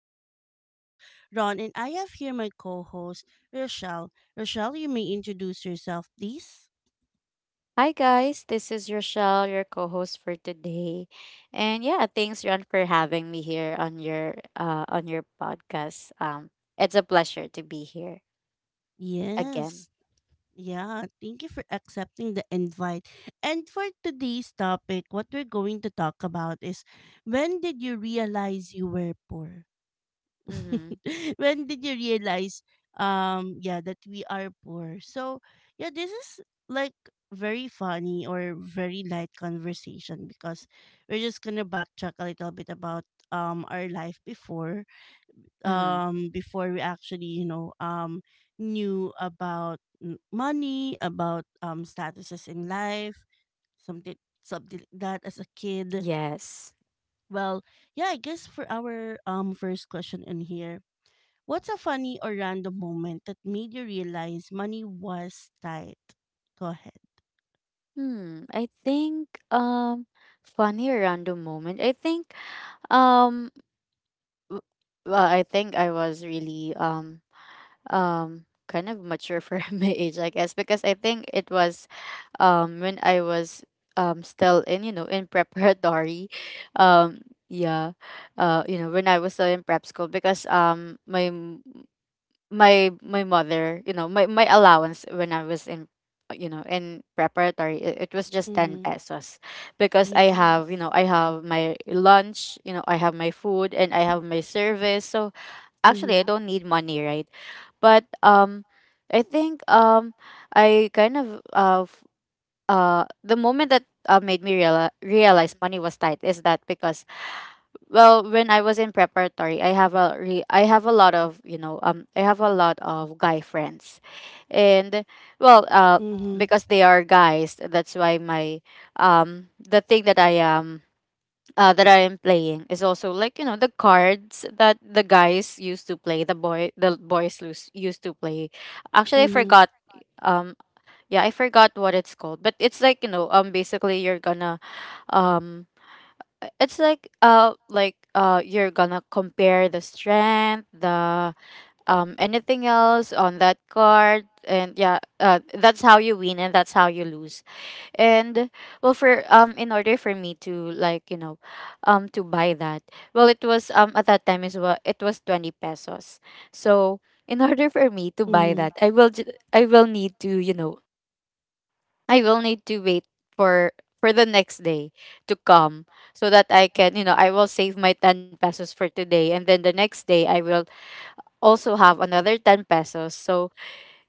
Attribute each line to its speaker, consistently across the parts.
Speaker 1: This is your host Ron and I have here my co-host Rochelle. Rochelle, you may introduce yourself, please.
Speaker 2: Hi guys, this is Rochelle, your co-host for today. And yeah, thanks Ron for having me here on your podcast. It's a pleasure to be here again.
Speaker 1: Yes. Yeah, thank you for accepting the invite. And for today's topic, what we're going to talk about is when did you realize you were poor?
Speaker 2: Mhm.
Speaker 1: When did you realize yeah that we are poor, so yeah, this is like very funny or very light conversation because we're just gonna backtrack a little bit about our life before,
Speaker 2: Mhm.
Speaker 1: before we actually knew about money, about statuses in life, something like that as a kid.
Speaker 2: Yes.
Speaker 1: Well, yeah, I guess for our first question in here, what's a funny or random moment that made you realize money was tight? Go ahead.
Speaker 2: I think funny or random moment. Um w- well, I think I was really kind of mature for my age, I guess, because I think it was when I was still in in preparatory. um yeah you know, when I was still in prep school because my mother, my allowance when I was in in preparatory, it was just 10
Speaker 1: Mm-hmm.
Speaker 2: pesos because I
Speaker 1: Yeah.
Speaker 2: have, you know, I have my lunch, you know, I have my food and I have my service, so actually I
Speaker 1: Mm-hmm.
Speaker 2: don't need money, right? But I think um I kind of the moment that made me realize money was tight is that because, well, when I was in preparatory, I have a lot of, you know, I have a lot of guy friends. And well
Speaker 1: Mm-hmm.
Speaker 2: Because they are guys, that's why my the thing that I am playing is also, like, you know, the cards that the guys used to play, the boy the boys lose, used to play. Actually, I
Speaker 1: Mm-hmm.
Speaker 2: forgot. um yeah I forgot what it's called, but it's like, you know, basically you're gonna um it's like you're gonna compare the strength, the anything else on that card, and that's how you win and that's how you lose. And well, for in order for me to, like, you know, to buy that, well, it was at that time is well it was 20 pesos. So in order for me to buy that, I will need to, you know, I will need to wait for the next day to come so that I can, you know, I will save my 10 pesos for today, and then the next day I will also have another 10 pesos. So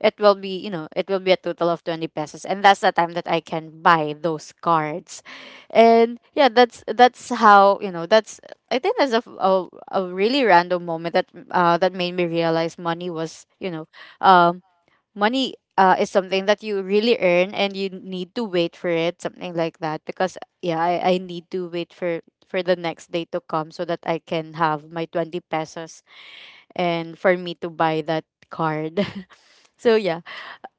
Speaker 2: it will be, you know, it will be a total of 20 pesos, and that's the time that I can buy those cards. And yeah, that's how, you know, that's I think that's a really random moment that that made me realize money was, you know, um money, is something that you really earn and you need to wait for it, something like that. Because yeah, I need to wait for the next day to come so that I can have my 20 pesos and for me to buy that card. So yeah,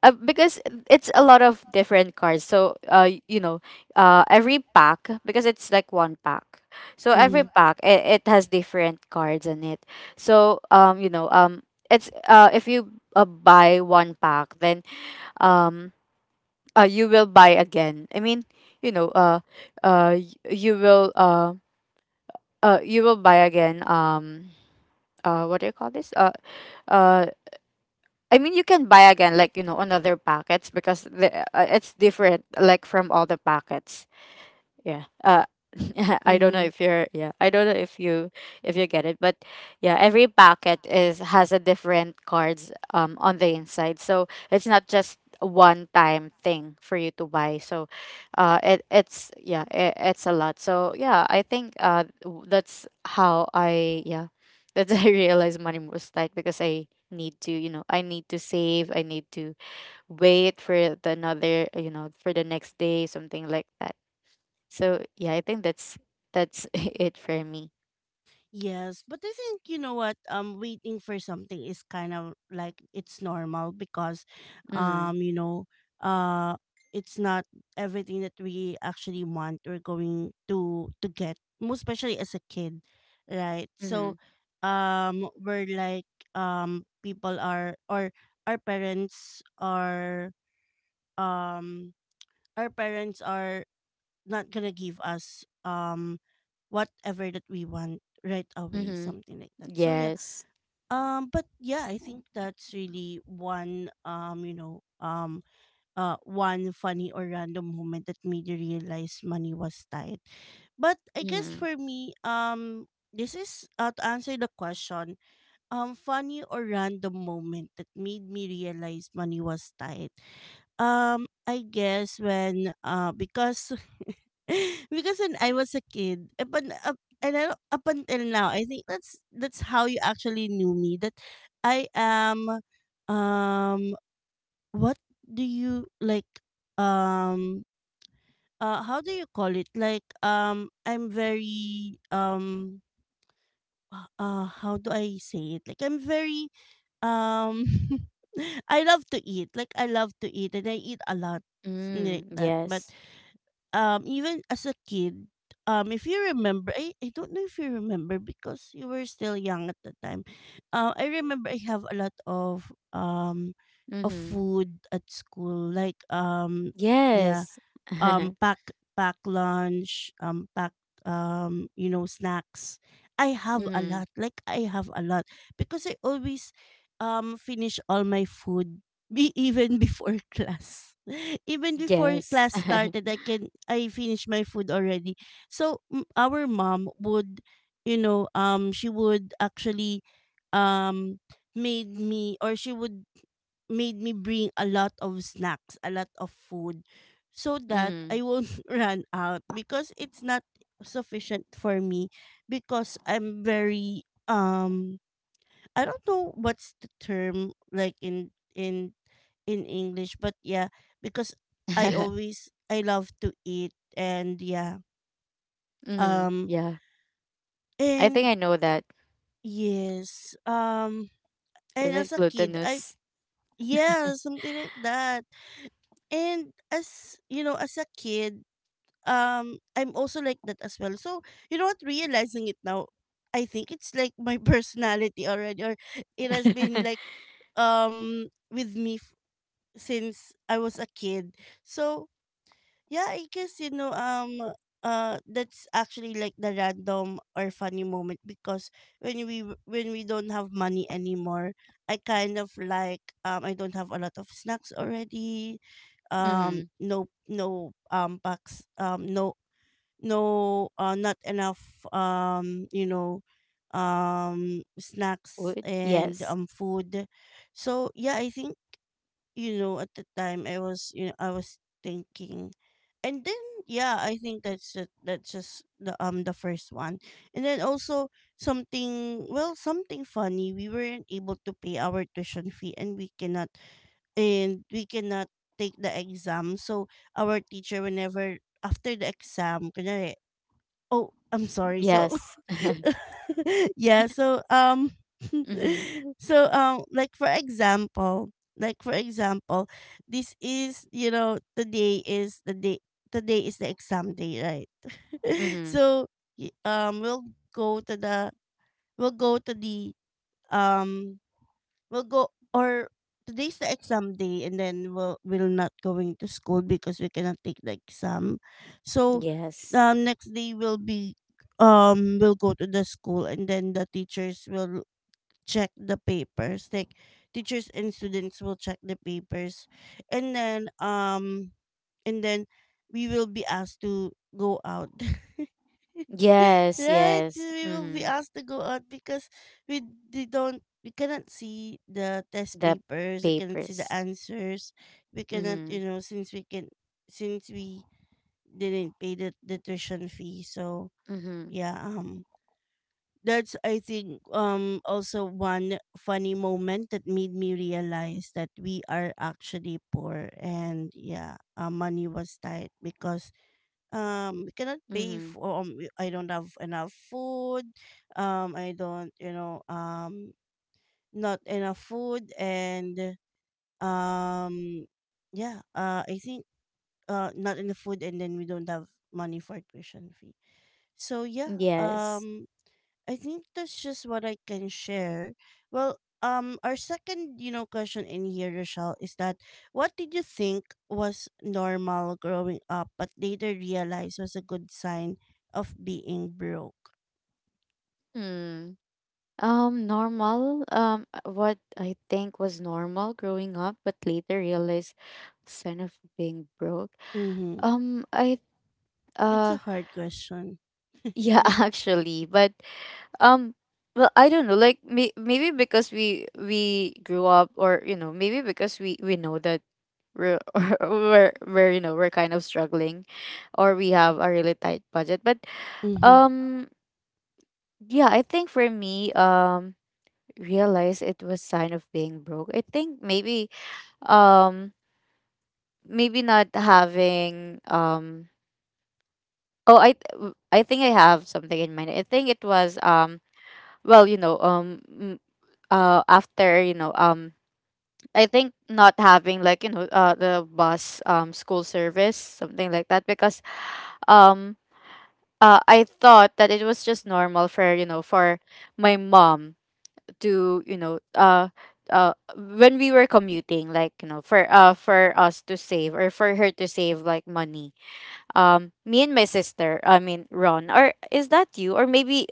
Speaker 2: because it's a lot of different cards. So you know, every pack, because it's like one pack. So every
Speaker 1: Mm-hmm.
Speaker 2: pack, it has different cards in it. So you know, it's if you buy one pack, then um you will buy again, I mean, you know, uh y- you will uh you will buy again. Um what do you call this uh I mean, you can buy again, like, you know, on other packets, because the, it's different, like, from all the packets. Yeah. I don't
Speaker 1: Mm-hmm.
Speaker 2: know if you're, yeah, I don't know if you, if you get it, but yeah, every packet is has a different cards on the inside. So it's not just a one time thing for you to buy. So it's yeah, it's a lot. So yeah, I think that's how I, yeah, that's I realized money was tight because I need to, you know, I need to save, I need to wait for the another, you know, for the next day, something like that. So yeah, I think that's it for me.
Speaker 1: Yes, but I think you know what waiting for something is kind of it's normal because,
Speaker 2: Mm-hmm.
Speaker 1: you know, uh it's not everything that we actually want or going to get, most especially as a kid, right?
Speaker 2: Mm-hmm.
Speaker 1: So we're like, people are or our parents are, um our parents are not gonna give us whatever that we want right away,
Speaker 2: Mm-hmm.
Speaker 1: something like that. So yeah.
Speaker 2: Yes.
Speaker 1: But yeah, I think that's really one one funny or random moment that made you realize money was tight. But I guess
Speaker 2: Mm-hmm.
Speaker 1: for me, this is to answer the question, funny or random moment that made me realize money was tight, I guess when because because when I was a kid, up, un- up and I, up until now, I think that's how you actually knew me. That I am, um what do you like um how do you call it? Like, I'm very, how do I say it? Like, I'm very um I love to eat. Like, I love to eat and I eat a lot. Something
Speaker 2: Mm,
Speaker 1: like that.
Speaker 2: yes.
Speaker 1: Even as a kid, if you remember, I don't know if you remember because you were still young at the time. I remember I have a lot of
Speaker 2: Mm-hmm.
Speaker 1: food at school, like yeah,
Speaker 2: Yes.
Speaker 1: um pack pack lunch, pack you know, snacks. I have a
Speaker 2: Mm-hmm.
Speaker 1: lot. Like, I have a lot because I always finish all my food be even before class. Even before
Speaker 2: Yes.
Speaker 1: class started, I finish my food already. So our mom would, you know, she would actually, um made me or she would made me bring a lot of snacks, a lot of food, so that I
Speaker 2: Mm-hmm.
Speaker 1: won't run out because it's not sufficient for me because I'm very, I don't know what's the term like in in English, but yeah, because I always, I love to eat and yeah.
Speaker 2: Mm-hmm.
Speaker 1: Um
Speaker 2: Yeah. I think
Speaker 1: and
Speaker 2: I know that.
Speaker 1: Yes. And
Speaker 2: Is
Speaker 1: As
Speaker 2: it
Speaker 1: a kid I,
Speaker 2: glutinous?
Speaker 1: yeah, something like that. And as you know, as a kid, I'm also like that as well. So you know what, realizing it now, I think it's like my personality already, or it has been with me since I was a kid. So yeah, I guess, that's actually like the random or funny moment because when when we don't have money anymore, I kind of I don't have a lot of snacks already,
Speaker 2: Mm-hmm.
Speaker 1: no packs, no not enough, snacks
Speaker 2: Wood?
Speaker 1: and,
Speaker 2: Yes.
Speaker 1: food. So yeah, I think, at the time I was, I was thinking. And then yeah, I think that's just the first one. And then also something, well, something funny, we weren't able to pay our tuition fee and we cannot take the exam. So our teacher, whenever, after the exam, kunyari, oh, I'm sorry. So
Speaker 2: Yes.
Speaker 1: yeah. So,
Speaker 2: Mm-hmm.
Speaker 1: so, like for example, like for example, this is, you know, today is the day. Today is the exam day, right?
Speaker 2: Mm-hmm.
Speaker 1: So y- we'll go to the we'll go to the um we'll go or today's the exam day, and then we'll not going to school because we cannot take the exam. So
Speaker 2: Yes.
Speaker 1: next day will be, we will go to the school and then the teachers will check the papers, like teachers and students will check the papers. And then um and then we will be asked to go out
Speaker 2: Yes.
Speaker 1: right,
Speaker 2: Yes.
Speaker 1: we'll be
Speaker 2: Mm-hmm.
Speaker 1: asked to go out because we we cannot see the test
Speaker 2: The
Speaker 1: papers, we cannot see the
Speaker 2: papers.
Speaker 1: answers, we cannot
Speaker 2: Mm-hmm.
Speaker 1: you know since we can since we didn't pay the tuition fee. So
Speaker 2: Mm-hmm.
Speaker 1: yeah, that's, I think, also one funny moment that made me realize that we are actually poor, and yeah, money was tight because we cannot pay
Speaker 2: Mm-hmm.
Speaker 1: for, I don't have enough food, I don't you know not enough food, and um yeah, I think, not enough food, and then we don't have money for tuition fee. So yeah,
Speaker 2: Yes.
Speaker 1: um, I think that's just what I can share. Well, um, our second, you know, question in here, Rochelle, is that what did you think was normal growing up but later realized was a good sign of being broke?
Speaker 2: Hmm. Normal. What I think was normal growing up, but later realized sign of being broke.
Speaker 1: Mm-hmm.
Speaker 2: I
Speaker 1: It's
Speaker 2: uh,
Speaker 1: a hard question.
Speaker 2: yeah, actually, but um, well, I don't know. Like, maybe because we grew up, or, you know, maybe because we know that we're we're, you know, we're kind of struggling, or we have a really tight budget. But
Speaker 1: Mm-hmm.
Speaker 2: um, yeah, I think for me, realize it was sign of being broke. I think maybe um maybe not having oh I think I have something in mind. I think it was well, you know, after, you know, I think not having, like, you know, the bus, school service, something like that, because um I thought that it was just normal for, you know, for my mom to, you know, when we were commuting, like, you know, for us to save or for her to save, like, money. Me and my sister, I mean, Ron, or is that you or maybe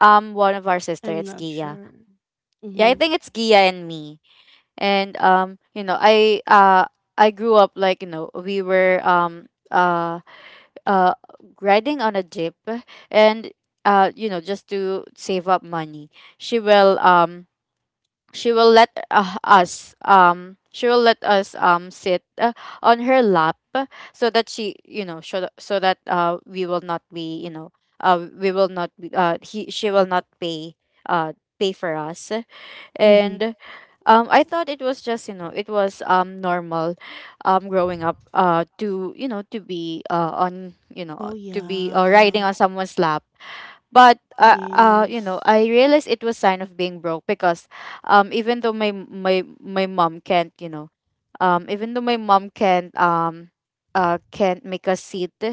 Speaker 2: one of our sister,
Speaker 1: I'm
Speaker 2: it's
Speaker 1: not
Speaker 2: Gia.
Speaker 1: sure.
Speaker 2: Yeah, I
Speaker 1: Mm-hmm.
Speaker 2: think it's Gia and me. And you know, I grew up, like, you know, we were uh riding on a jeep, and you know, just to save up money, she will um she will let us, she will let us, sit, on her lap, so that she, you know, so that we will not be, you know, we will not be, he she will not pay uh pay for us.
Speaker 1: Mm-hmm.
Speaker 2: And I thought it was just, you know, it was normal growing up to, you know, to be on, you know,
Speaker 1: Oh
Speaker 2: to be,
Speaker 1: yeah.
Speaker 2: riding on someone's lap. But
Speaker 1: Yes.
Speaker 2: you know, I realized it was sign of being broke because even though my mom can't, you know, even though my mom can't, can't make a seat,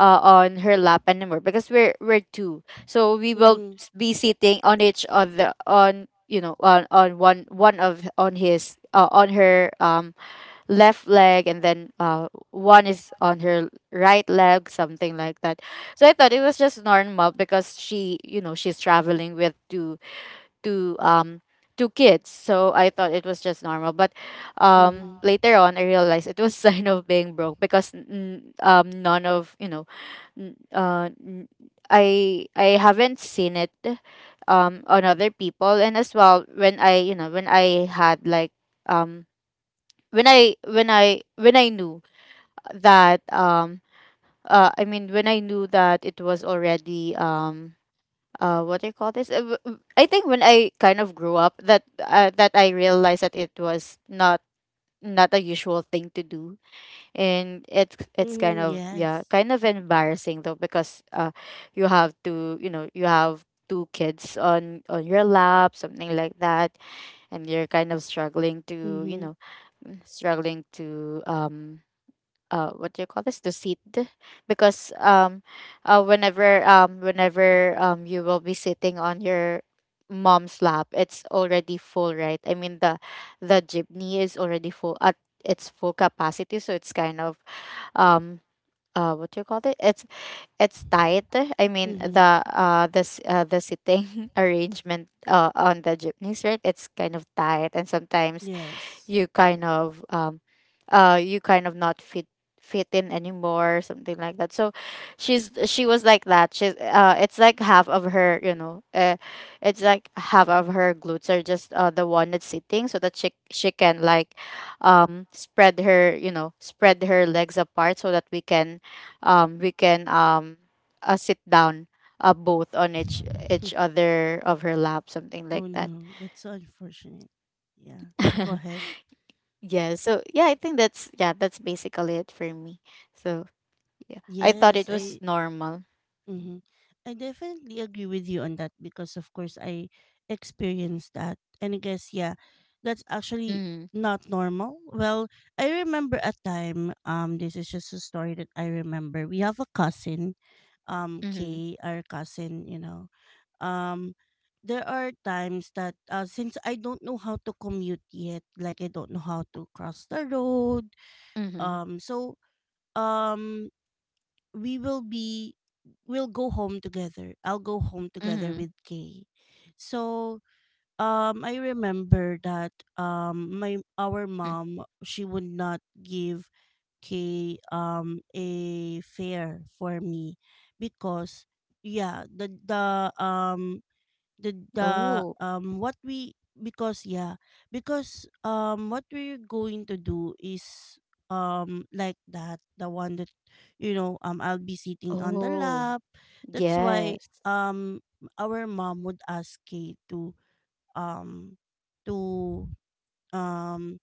Speaker 2: on her lap anymore, because we're two, so we will
Speaker 1: Mm-hmm.
Speaker 2: be sitting on each other, on, you know, on one of on his, on her, left leg, and then one is on her right leg, something like that. So I thought it was just normal because she, you know, she's traveling with two, two kids, so I thought it was just normal. But
Speaker 1: Mm-hmm.
Speaker 2: later on I realized it was sign of being broke because none of, you know, n- uh n- I haven't seen it on other people. And as well, when I, you know, when I had, like, um when I when I when I knew that I mean, when I knew that it was already what do you call this. I think when I kind of grew up, that I realized that it was not, not a usual thing to do, and it's kind
Speaker 1: Mm-hmm.
Speaker 2: of, yeah,
Speaker 1: Yes.
Speaker 2: kind of embarrassing though, because you have to, you know, you have two kids on your lap, something like that, and you're kind of struggling to, you
Speaker 1: Mm-hmm.
Speaker 2: know, struggling to, what do you call this, to sit, because whenever, whenever you will be sitting on your mom's lap, it's already full, right? I mean, the jeepney is already full at its full capacity, so it's kind of um what do you call it, it's tight. I mean,
Speaker 1: Mm-hmm.
Speaker 2: the the sitting arrangement on the jeepneys, right, it's kind of tight, and sometimes
Speaker 1: Yes.
Speaker 2: you kind of, you kind of not fit fit in anymore, something like that. So she's she's, it's like half of her, you know, it's like half of her glutes are just the one that's sitting, so that she can, like, spread her, you know, spread her legs apart, so that we can, we can, sit down both on
Speaker 1: Hmm.
Speaker 2: each other of her lap, something
Speaker 1: Oh
Speaker 2: like that.
Speaker 1: no, that's so unfortunate. Yeah. Go ahead.
Speaker 2: Yeah, so yeah, I think that's, yeah, that's basically it for me. So yeah, I thought it
Speaker 1: Yes,
Speaker 2: was
Speaker 1: I
Speaker 2: normal.
Speaker 1: Mm-hmm. I definitely agree with you on that because of course I experienced that. And I guess yeah, that's actually
Speaker 2: Mm-hmm.
Speaker 1: not normal. Well, I remember a time, this is just a story that I remember. We have a cousin,
Speaker 2: Mm-hmm.
Speaker 1: Kay, our cousin, you know. Um, there are times that since I don't know how to commute yet, like I don't know how to cross the road.
Speaker 2: Mm-hmm.
Speaker 1: Um so um we will be, we'll go home together. I'll go home together
Speaker 2: Mm-hmm.
Speaker 1: with Kay. So I remember that, my, our
Speaker 2: Mm.
Speaker 1: mom, she would not give k a fare for me because yeah, the
Speaker 2: Oh.
Speaker 1: what we because yeah, because, what we're going to do is, like that, the one that, you know, I'll be sitting on the
Speaker 2: Oh.
Speaker 1: lap. That's why
Speaker 2: Yes.
Speaker 1: um our mom would ask Kay to, um to um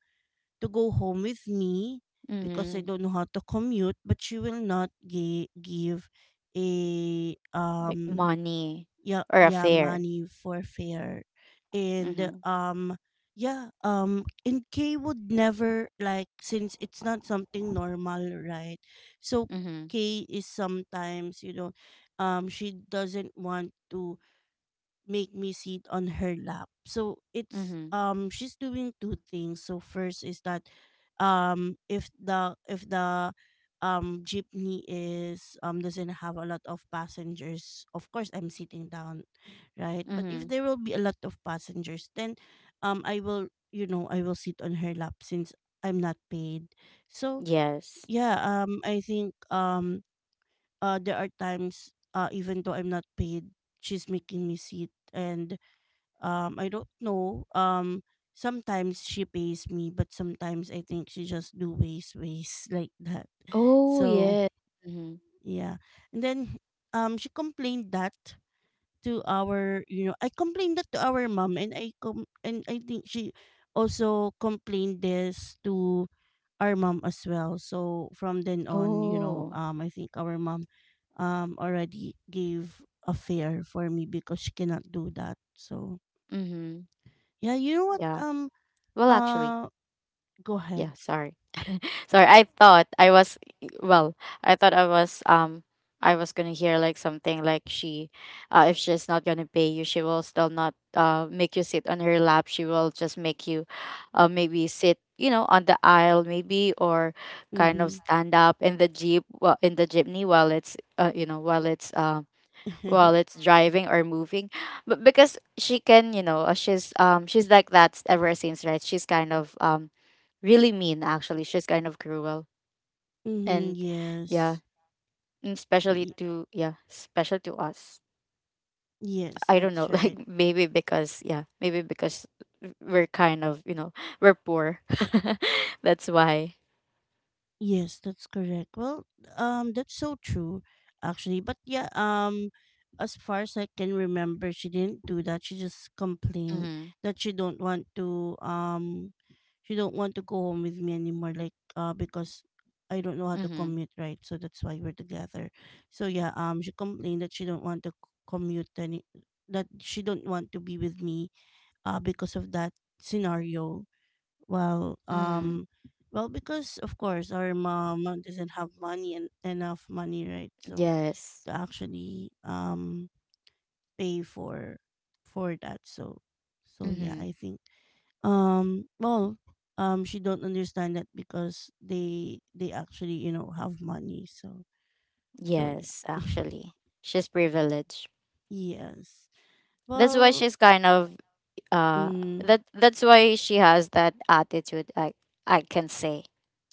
Speaker 1: to go home with me because I
Speaker 2: Mm-hmm.
Speaker 1: don't know how to commute, but she will not give a
Speaker 2: Like
Speaker 1: um,
Speaker 2: money
Speaker 1: yeah,
Speaker 2: or
Speaker 1: yeah,
Speaker 2: affair.
Speaker 1: money for fare. And
Speaker 2: Mm-hmm.
Speaker 1: um, yeah, and Kay would never, like, since it's not something normal, right? So
Speaker 2: Mm-hmm.
Speaker 1: Kay is sometimes, you know, she doesn't want to make me sit on her lap. So it's,
Speaker 2: Mm-hmm.
Speaker 1: um, she's doing two things. So first is that if the jeepney is, doesn't have a lot of passengers, of course I'm sitting down, right? But
Speaker 2: Mm-hmm.
Speaker 1: if there will be a lot of passengers, then, I will, you know, I will sit on her lap since I'm not paid. So
Speaker 2: Yes.
Speaker 1: yeah, I think, there are times uh, even though I'm not paid, she's making me sit, and I don't know, sometimes she pays me, but sometimes I think she just do waste like that.
Speaker 2: Oh
Speaker 1: So
Speaker 2: yeah. Mm-hmm.
Speaker 1: yeah. And then she complained that to our, you know, I complained that to our mom, and I think she also complained this to our mom as well. So from then on, you know,
Speaker 2: Oh.
Speaker 1: I think our mom, already gave a fare for me because she cannot do that. So
Speaker 2: Mm-hmm.
Speaker 1: yeah, you know what?
Speaker 2: Yeah. Well actually,
Speaker 1: Uh, go ahead.
Speaker 2: yeah, sorry. Sorry, I thought I was well, I thought I was gonna hear like something like she, if she's not gonna pay you, she will still not make you sit on her lap. She will just make you maybe sit, you know, on the aisle maybe or kind of
Speaker 1: Mm-hmm.
Speaker 2: stand up in the jeepney while it's, you know, while it's driving or moving, but because she can, you know, she's like that ever since, right? She's kind of really mean actually, she's kind of cruel.
Speaker 1: Mm-hmm,
Speaker 2: And yeah,
Speaker 1: yes.
Speaker 2: and especially
Speaker 1: Y-
Speaker 2: to yeah special to us.
Speaker 1: yes,
Speaker 2: I don't
Speaker 1: that's
Speaker 2: know,
Speaker 1: right.
Speaker 2: like maybe because, yeah, maybe because we're kind of, you know, we're poor. That's why.
Speaker 1: Yes, that's correct. Well, that's so true, actually. But yeah, as far as I can remember, she didn't do that. She just complained
Speaker 2: Mm-hmm.
Speaker 1: that she don't want to she don't want to go home with me anymore. Like because I don't know how to
Speaker 2: Mm-hmm.
Speaker 1: commute, right? So that's why we're together. So yeah, she complained that she don't want to commute any, that she don't want to be with me, because of that scenario. Well,
Speaker 2: Mm-hmm.
Speaker 1: well, because of course our mom doesn't have money and enough money, right? So
Speaker 2: Yes.
Speaker 1: to actually pay for that. So, so yeah,
Speaker 2: Mm-hmm.
Speaker 1: I think, um well she don't understand that because they actually, you know, have money. So so
Speaker 2: Yes,
Speaker 1: yeah,
Speaker 2: actually, she's privileged.
Speaker 1: yes.
Speaker 2: That's why
Speaker 1: Well,
Speaker 2: she's kind of uh
Speaker 1: mm,
Speaker 2: that's why she has that attitude, I can say.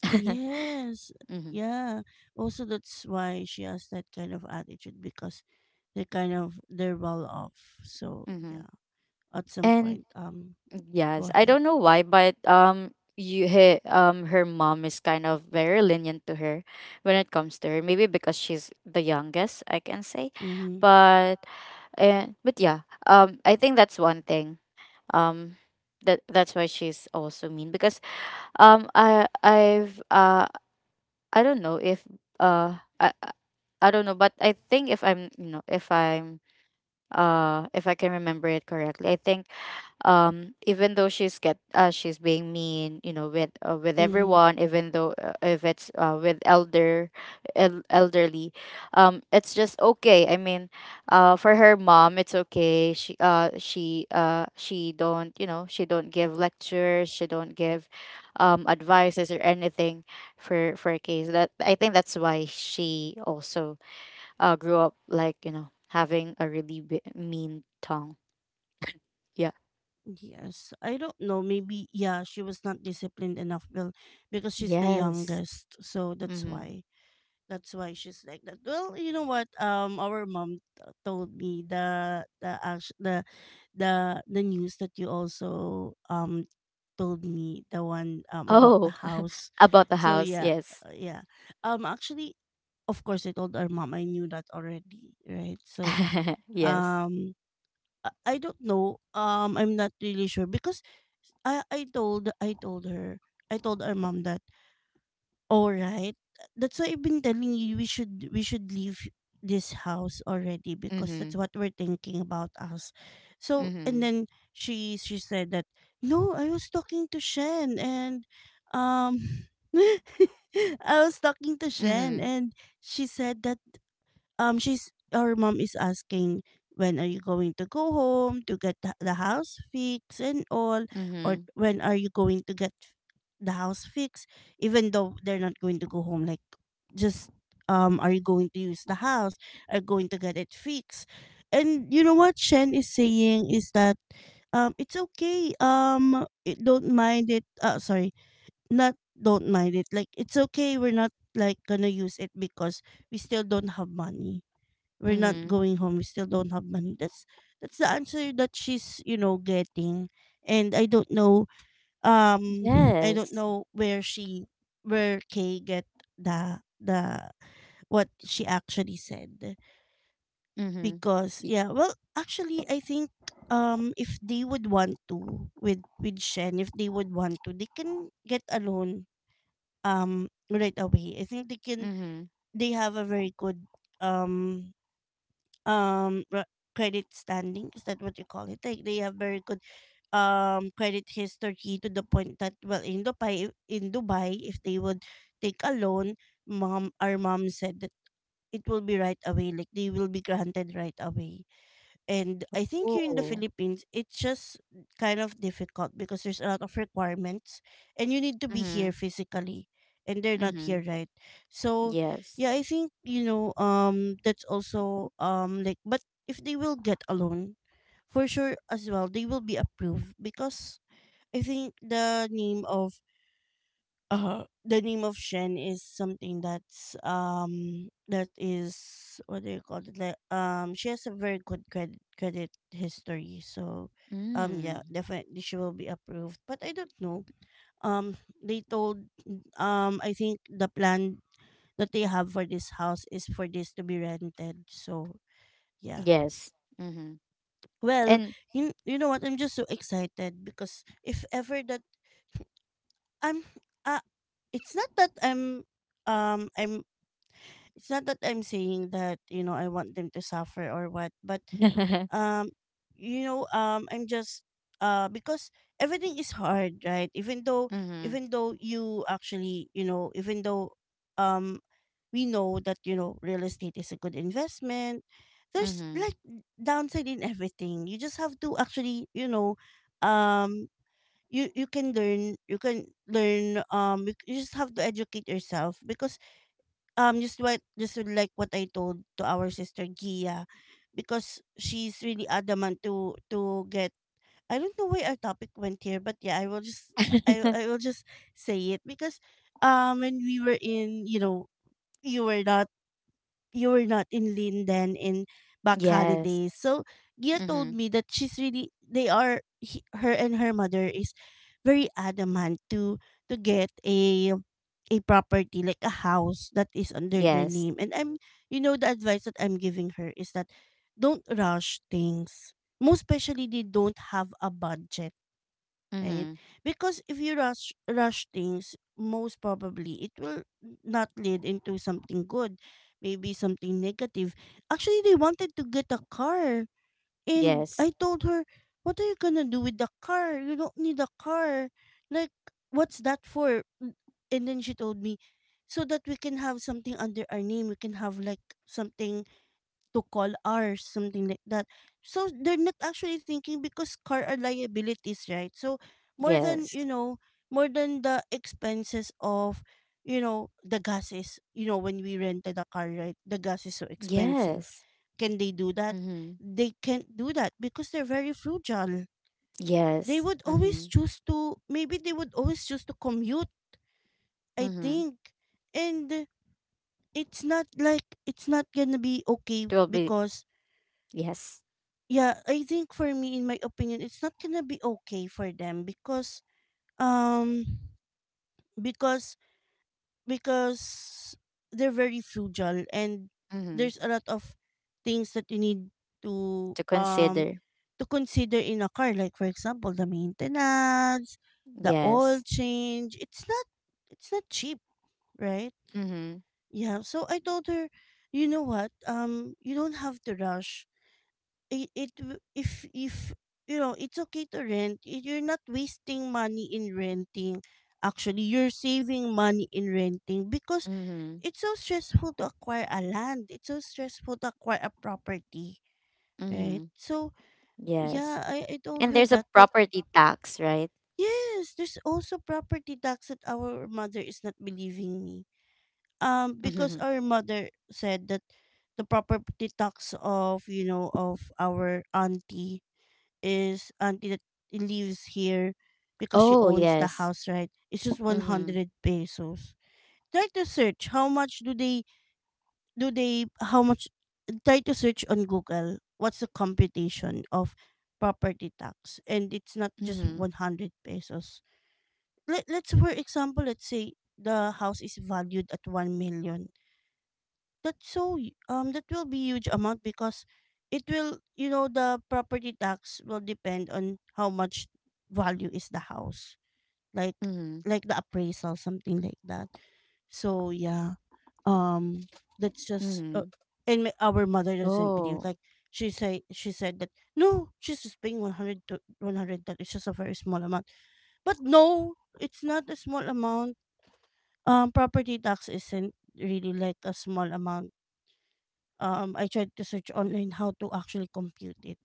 Speaker 1: yes.
Speaker 2: Mm-hmm.
Speaker 1: Yeah. Also, that's why she has that kind of attitude because they're well off. So
Speaker 2: Mm-hmm.
Speaker 1: yeah, at some
Speaker 2: And
Speaker 1: point,
Speaker 2: yes,
Speaker 1: go
Speaker 2: I
Speaker 1: ahead.
Speaker 2: don't know why, but her mom is kind of very lenient to her when it comes to her. Maybe because she's the youngest, I can say,
Speaker 1: Mm-hmm.
Speaker 2: but but yeah, I think that's one thing. Um, that's why she's also mean because um, I I've uh, I don't know if uh, I I I don't know, but I think if I'm, you know, if I'm if I can remember it correctly, I think even though she's being mean, you know, with
Speaker 1: Mm-hmm.
Speaker 2: everyone, even though if it's with elderly, it's just okay. I mean, for her mom it's okay. She don't, you know, she don't give lectures, she don't give advices or anything. For a case that, I think that's why she also grew up like, you know, having a really mean tongue. Yeah.
Speaker 1: Yes, I don't know. Maybe yeah, she was not disciplined enough, Bill, because she's the
Speaker 2: Yes.
Speaker 1: youngest. So that's
Speaker 2: Mm-hmm.
Speaker 1: why. That's why she's like that. Well, you know what? Our mom told me the act- the news that you also told me the one about the
Speaker 2: Oh,
Speaker 1: house.
Speaker 2: about the
Speaker 1: So
Speaker 2: house.
Speaker 1: yeah,
Speaker 2: Yes.
Speaker 1: yeah. Actually, of course, I told our mom. I knew that already, right? So
Speaker 2: Yes.
Speaker 1: um, I don't know. I'm not really sure because I I told I told her I told our mom that. Alright. That's why I've been telling you we should leave this house already because
Speaker 2: Mm-hmm.
Speaker 1: that's what we're thinking about us. So and
Speaker 2: Mm-hmm.
Speaker 1: then she said that no, I was talking to Shen and um I was talking to Shen
Speaker 2: Mm-hmm.
Speaker 1: and she said that she's her mom is asking, when are you going to go home to get the house fixed and all, or
Speaker 2: Mm-hmm.
Speaker 1: when are you going to get the house fixed, even though they're not going to go home, like just are you going to use the house, are you going to get it fixed? And you know what Shen is saying is that it's okay. It, don't mind it sorry not don't mind it. Like, it's okay, we're not like gonna use it because we still don't have money. We're not
Speaker 2: Mm-hmm.
Speaker 1: going home, we still don't have money. That's the answer that she's, you know, getting. And I don't know. um I don't
Speaker 2: Yes.
Speaker 1: know where she, where Kay get the what she actually said.
Speaker 2: Mm-hmm.
Speaker 1: Because
Speaker 2: Y-
Speaker 1: yeah, well actually I think if they would want to, with Shen, if they would want to, they can get a loan right away, I think they can.
Speaker 2: Mm-hmm.
Speaker 1: They have a very good um um re- credit standing, is that what you call it? Like, they have very good credit history, to the point that, well, in Dubai, in Dubai, if they would take a loan, mom, our mom said that it will be right away, like they will be granted right away. And I think here in the
Speaker 2: Oh.
Speaker 1: Philippines, it's just kind of difficult because there's a lot of requirements and you need to be
Speaker 2: Mm-hmm.
Speaker 1: here physically, and they're not
Speaker 2: Mm-hmm.
Speaker 1: here, right? So
Speaker 2: Yes.
Speaker 1: yeah, I think, you know, that's also, like, but if they will get a loan, for sure as well, they will be approved because I think the name of Shen is something that's that is, what do you call it? Like, she has a very good credit history. So yeah,
Speaker 2: Mm.
Speaker 1: definitely she will be approved. But I don't know. Um they told I think the plan that they have for this house is for this to be rented. So yeah.
Speaker 2: Yes. Mm-hmm.
Speaker 1: Well,
Speaker 2: And
Speaker 1: in, you know what? I'm just so excited because if ever that I'm uh it's not that I'm um I'm it's not that I'm saying that, you know, I want them to suffer or what, but um, you know, I'm just because everything is hard, right? Even though,
Speaker 2: Mm-hmm.
Speaker 1: even though you actually, you know, even though um we know that, you know, real estate is a good investment, there's
Speaker 2: Mm-hmm.
Speaker 1: like downside in everything. You just have to actually, you know, um you you can learn you, you just have to educate yourself because just what, just like what I told to our sister Gia, because she's really adamant to get, I don't know why our topic went here, but yeah, I will just I I will just say it because when we were in, you know, you were not, you were not in Linden in back
Speaker 2: Yes.
Speaker 1: holidays. So Gia
Speaker 2: Mm-hmm.
Speaker 1: told me that she's really, they are, he, her and her mother is very adamant to get a property, like a house that is under their
Speaker 2: Yes.
Speaker 1: name. And I'm, you know, the advice that I'm giving her is that don't rush things. Most especially they don't have a budget, right?
Speaker 2: Mm-hmm.
Speaker 1: Because if you rush things, most probably it will not lead into something good, maybe something negative. Actually, they wanted to get a car, and
Speaker 2: Yes.
Speaker 1: I told her, "What are you gonna do with the car? You don't need a car. Like, what's that for?" And then she told me, "So that we can have something under our name. We can have like something." To call ours, something like that. So they're not actually thinking because car are liabilities, right? So more than, you
Speaker 2: Yes.
Speaker 1: know, more than the expenses of, you know, the gases, you know, when we rented a car, right? The gas is so expensive.
Speaker 2: Yes.
Speaker 1: Can they do that?
Speaker 2: Mm-hmm.
Speaker 1: They can't do that because they're very frugal. They
Speaker 2: Yes.
Speaker 1: would
Speaker 2: Mm-hmm.
Speaker 1: always choose to, maybe they would always choose to commute, I
Speaker 2: Mm-hmm.
Speaker 1: think. And it's not like, it's not gonna be okay
Speaker 2: It will be.
Speaker 1: because
Speaker 2: Yes.
Speaker 1: yeah, I think for me, in my opinion, it's not gonna be okay for them because um because because they're very frugal and
Speaker 2: Mm-hmm.
Speaker 1: there's a lot of things that you need to
Speaker 2: To
Speaker 1: um
Speaker 2: consider.
Speaker 1: to consider in a car, like for example the maintenance, the oil
Speaker 2: Yes.
Speaker 1: change. It's not, it's not cheap, right?
Speaker 2: Mm-hmm.
Speaker 1: Yeah. So I told her, you know what? You don't have to rush it, if you know, it's okay to rent. You're not wasting money in renting, actually you're saving money in renting because
Speaker 2: Mm-hmm.
Speaker 1: it's so stressful to acquire a land, it's so stressful to acquire a property, right?
Speaker 2: Mm-hmm.
Speaker 1: So
Speaker 2: Yes.
Speaker 1: yeah, I told
Speaker 2: And
Speaker 1: her
Speaker 2: there's a
Speaker 1: that. But
Speaker 2: property tax, right?
Speaker 1: yes, there's also property tax that our mother is not believing me. Because
Speaker 2: Mm-hmm.
Speaker 1: our mother said that the property tax of, you know, of our auntie is, auntie that lives here because she
Speaker 2: Oh,
Speaker 1: owns the
Speaker 2: yes.
Speaker 1: house, right? It's just
Speaker 2: Mm-hmm.
Speaker 1: 100 pesos. Try to search how much do they, how much, try to search on Google what's the computation of property tax, and it's not just
Speaker 2: Mm-hmm.
Speaker 1: 100 pesos. Let's for example let's say the house is valued at 1 million, that's so that will be huge amount because it will, you know, the property tax will depend on how much value is the house, like
Speaker 2: Mm-hmm.
Speaker 1: like the appraisal, something like that. So yeah, um that's just
Speaker 2: Mm-hmm.
Speaker 1: and our mother doesn't believe,
Speaker 2: Oh.
Speaker 1: like she say she said that no, she's just paying 100 to 100, that it's just a very small amount. But no, it's not a small amount. Property tax isn't really like a small amount. I tried to search online how to actually compute it.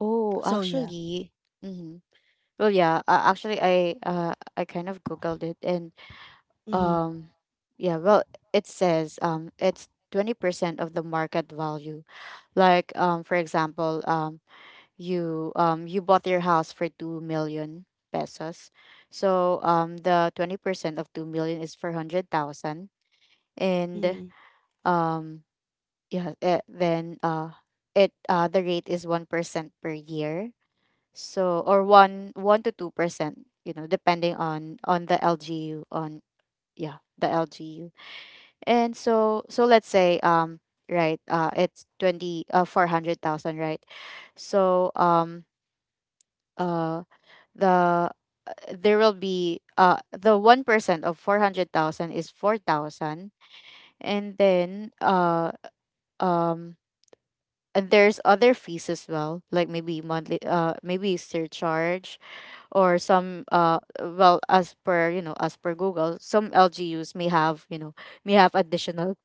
Speaker 2: Oh,
Speaker 1: So yeah.
Speaker 2: actually, Mm-hmm. Well, yeah. Actually, I kind of googled it, and
Speaker 1: Mm-hmm.
Speaker 2: um, yeah. Well, it says it's 20% of the market value. Like for example, you you bought your house for 2 million pesos, so the 20% of 2 million is 400,000, and
Speaker 1: Mm-hmm.
Speaker 2: um yeah, then it the rate is 1% per year. So or 1 to 2%, you know, depending on the LGU, on yeah, the LGU. And so, so let's say right, it's 20 400,000, right? So uh the there will be the 1% of 400,000 is 4,000, and then um and there's other fees as well, like maybe monthly, maybe surcharge or some. Well, as per, you know, as per Google, some LGUs may have, you know, may have additional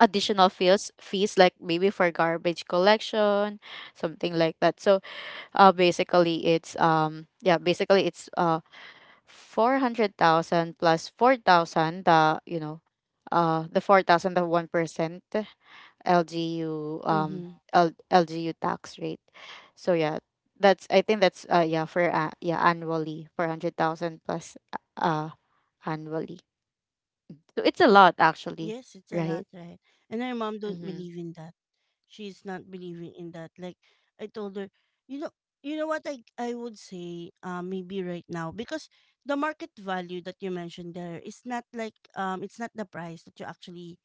Speaker 2: fees like maybe for garbage collection, something like that. So basically, it's 400,000 plus 4,000, the, you know, the 4,000, the 1% LGU
Speaker 1: Mm-hmm.
Speaker 2: LGU tax rate. So yeah, that's, I think that's for annually 400,000 plus annually. So it's a lot actually,
Speaker 1: Yes, it's a lot,
Speaker 2: right?
Speaker 1: right? And her mom don't
Speaker 2: Mhm.
Speaker 1: believe in that. She's not believing in that. Like, I told her, you know, you know what, I would say, maybe right now because the market value that you mentioned there is not like, it's not the price that you actually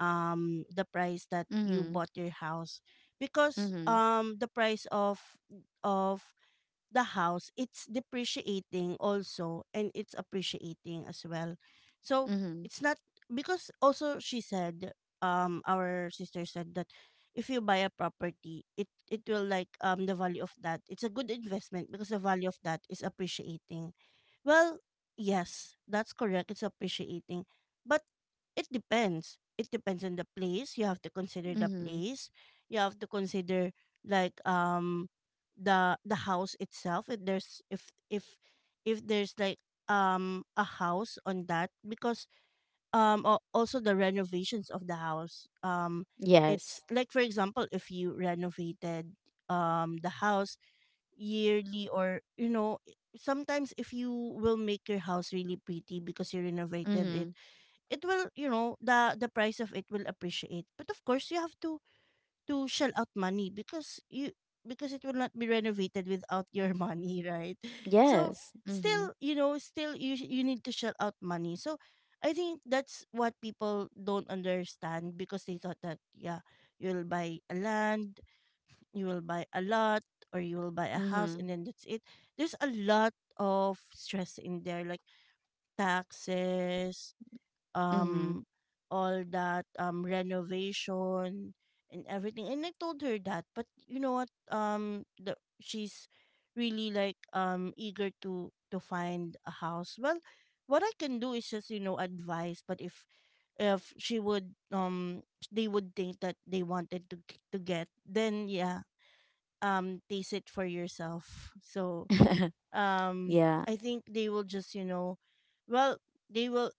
Speaker 1: the price that you
Speaker 2: Mhm.
Speaker 1: bought your house, because
Speaker 2: Mhm.
Speaker 1: the price of the house, it's depreciating also and it's appreciating as well. So
Speaker 2: Mhm.
Speaker 1: it's not, because also she said, our sister said that if you buy a property, it will, like, the value of that, it's a good investment because the value of that is appreciating. Well, yes, that's correct. It's appreciating. But it depends. It depends on the place. You have to consider the
Speaker 2: Mhm.
Speaker 1: place. You have to consider like, the house itself. If there's, if there's like a house on that, because also the renovations of the house. It's
Speaker 2: Yes.
Speaker 1: like for example if you renovated the house yearly or you know sometimes if you will make your house really pretty because you renovated it,
Speaker 2: Mhm.
Speaker 1: it will, you know, the price of it will appreciate. But of course you have to shell out money because you, because it will not be renovated without your money, right? So
Speaker 2: Yes. Mhm.
Speaker 1: still, you know, still you you need to shell out money. So I think that's what people don't understand, because they thought that yeah, you'll buy a land, you will buy a lot, or you will buy a house
Speaker 2: Mhm.
Speaker 1: and then that's it. There's a lot of stress in there, like taxes,
Speaker 2: Mhm.
Speaker 1: um all that renovation and everything. And I told her that, but you know what, she's really like eager to find a house. Well, what I can do is just, you know, advise. But if she would they would think that they wanted to get, then yeah, taste it for yourself. So um
Speaker 2: Yeah.
Speaker 1: I think they will just, you know, well, they will,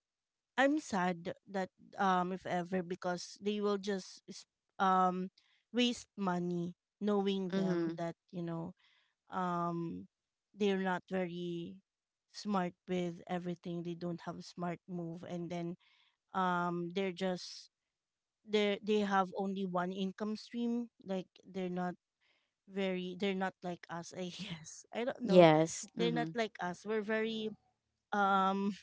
Speaker 1: I'm sad that if ever, because they will just um waste money, knowing them
Speaker 2: Mhm.
Speaker 1: that, you know, um they're not very smart with everything. They don't have smart move. And then they're just, they have only one income stream. Like they're not very, they're not like us, I guess, I don't know.
Speaker 2: Yes.
Speaker 1: They're not
Speaker 2: Mm-hmm.
Speaker 1: like us. We're very um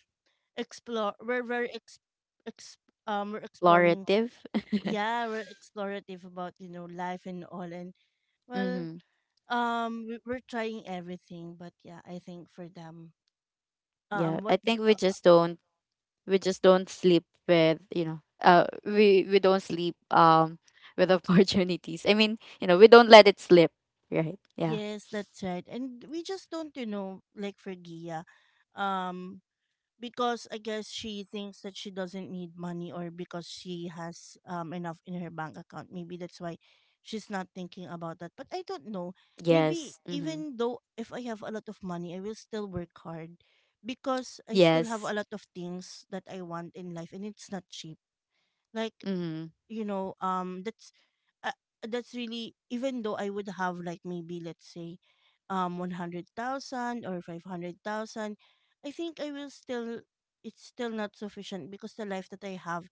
Speaker 1: explore, we're very ex, ex we're exploring.
Speaker 2: Explorative.
Speaker 1: Yeah, we're explorative about, you know, life and all. And well,
Speaker 2: Mm-hmm.
Speaker 1: we're trying everything. But yeah, I think for them,
Speaker 2: Yeah. I
Speaker 1: what,
Speaker 2: think we
Speaker 1: uh,
Speaker 2: just don't, we just don't sleep with, you know, we don't sleep with opportunities. I mean, you know, we don't let it slip. Right. Yeah.
Speaker 1: yes, that's right. And we just don't, you know, like for Gia, um because I guess she thinks that she doesn't need money, or because she has enough in her bank account. Maybe that's why she's not thinking about that. But I don't know. Maybe
Speaker 2: Yes. Mm-hmm.
Speaker 1: even though if I have a lot of money, I will still work hard because I still have a
Speaker 2: Yes.
Speaker 1: lot of things that I want in life, and it's not cheap. Like,
Speaker 2: Mm-hmm.
Speaker 1: you know, uh, that's really, even though I would have like, maybe let's say, 100,000 or 500,000, I think I will still, it's still not sufficient because the life that I have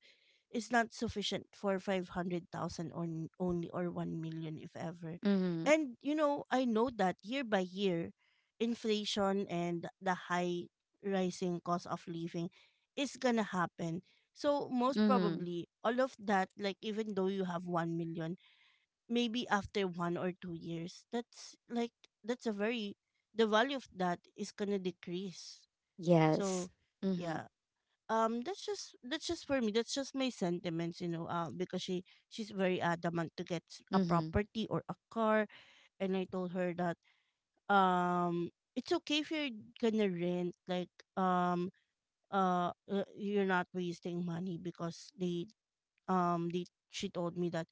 Speaker 1: is not sufficient for 500,000, only, or 1 million if ever.
Speaker 2: Mm-hmm.
Speaker 1: And you know, I know that year by year inflation and the high rising cost of living is going to happen. So most
Speaker 2: Mm-hmm.
Speaker 1: probably all of that, like even though you have 1 million, maybe after 1 or 2 years, that's like, that's a very, the value of that is going to decrease.
Speaker 2: Yes.
Speaker 1: So
Speaker 2: Mm-hmm.
Speaker 1: yeah, that's just, that's just, for me that's just my sentiments, you know, because she, she's very adamant to get a
Speaker 2: Mm-hmm.
Speaker 1: property or a car. And I told her that um it's okay if you're gonna rent. Like um you're not wasting money, because they they, she told me that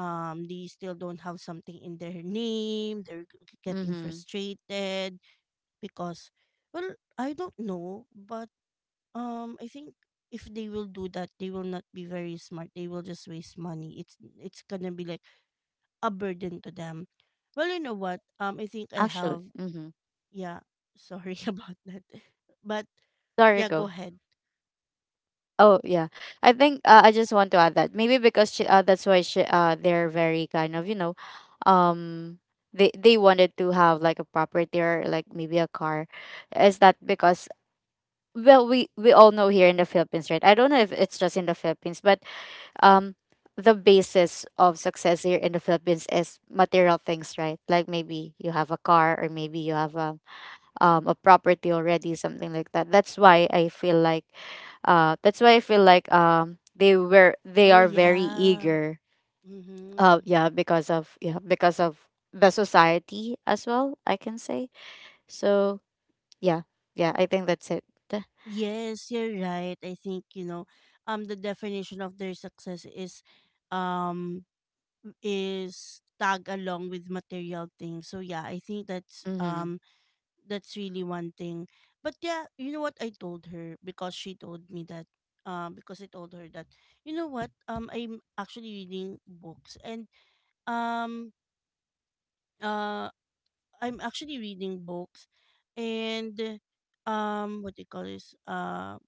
Speaker 1: they still don't have something in their name. They're getting
Speaker 2: Mm-hmm.
Speaker 1: frustrated because, well, I don't know, but I think if they will do that, they will not be very smart. They will just waste money. It's gonna be like a burden to them. Well, you know what? I think I
Speaker 2: Actually.
Speaker 1: have,
Speaker 2: Mm-hmm.
Speaker 1: yeah. Sorry about that, but
Speaker 2: Sorry,
Speaker 1: yeah, go
Speaker 2: go.
Speaker 1: ahead.
Speaker 2: Oh yeah, I think, I just want to add that maybe because that's why they're very kind of, you know, um, they wanted to have like a property or like maybe a car. Is that because, well, we all know here in the Philippines, right? I don't know if it's just in the Philippines, but um, the basis of success here in the Philippines is material things, right? Like maybe you have a car or maybe you have a property already, something like that. That's why I feel like they were they
Speaker 1: Oh
Speaker 2: are very
Speaker 1: yeah.
Speaker 2: eager.
Speaker 1: Mm-hmm.
Speaker 2: Yeah, because of, because of the society as well, I can say. So, yeah, yeah. I think that's it.
Speaker 1: Yes, you're right. I think, you know, the definition of their success um, is tag along with material things. So yeah, I think
Speaker 2: Mm-hmm.
Speaker 1: that's really one thing. But yeah, you know what, I told her because she told me that, because I told her that, you know what, I'm actually reading books, and um uh I'm actually reading books, and what do you call this,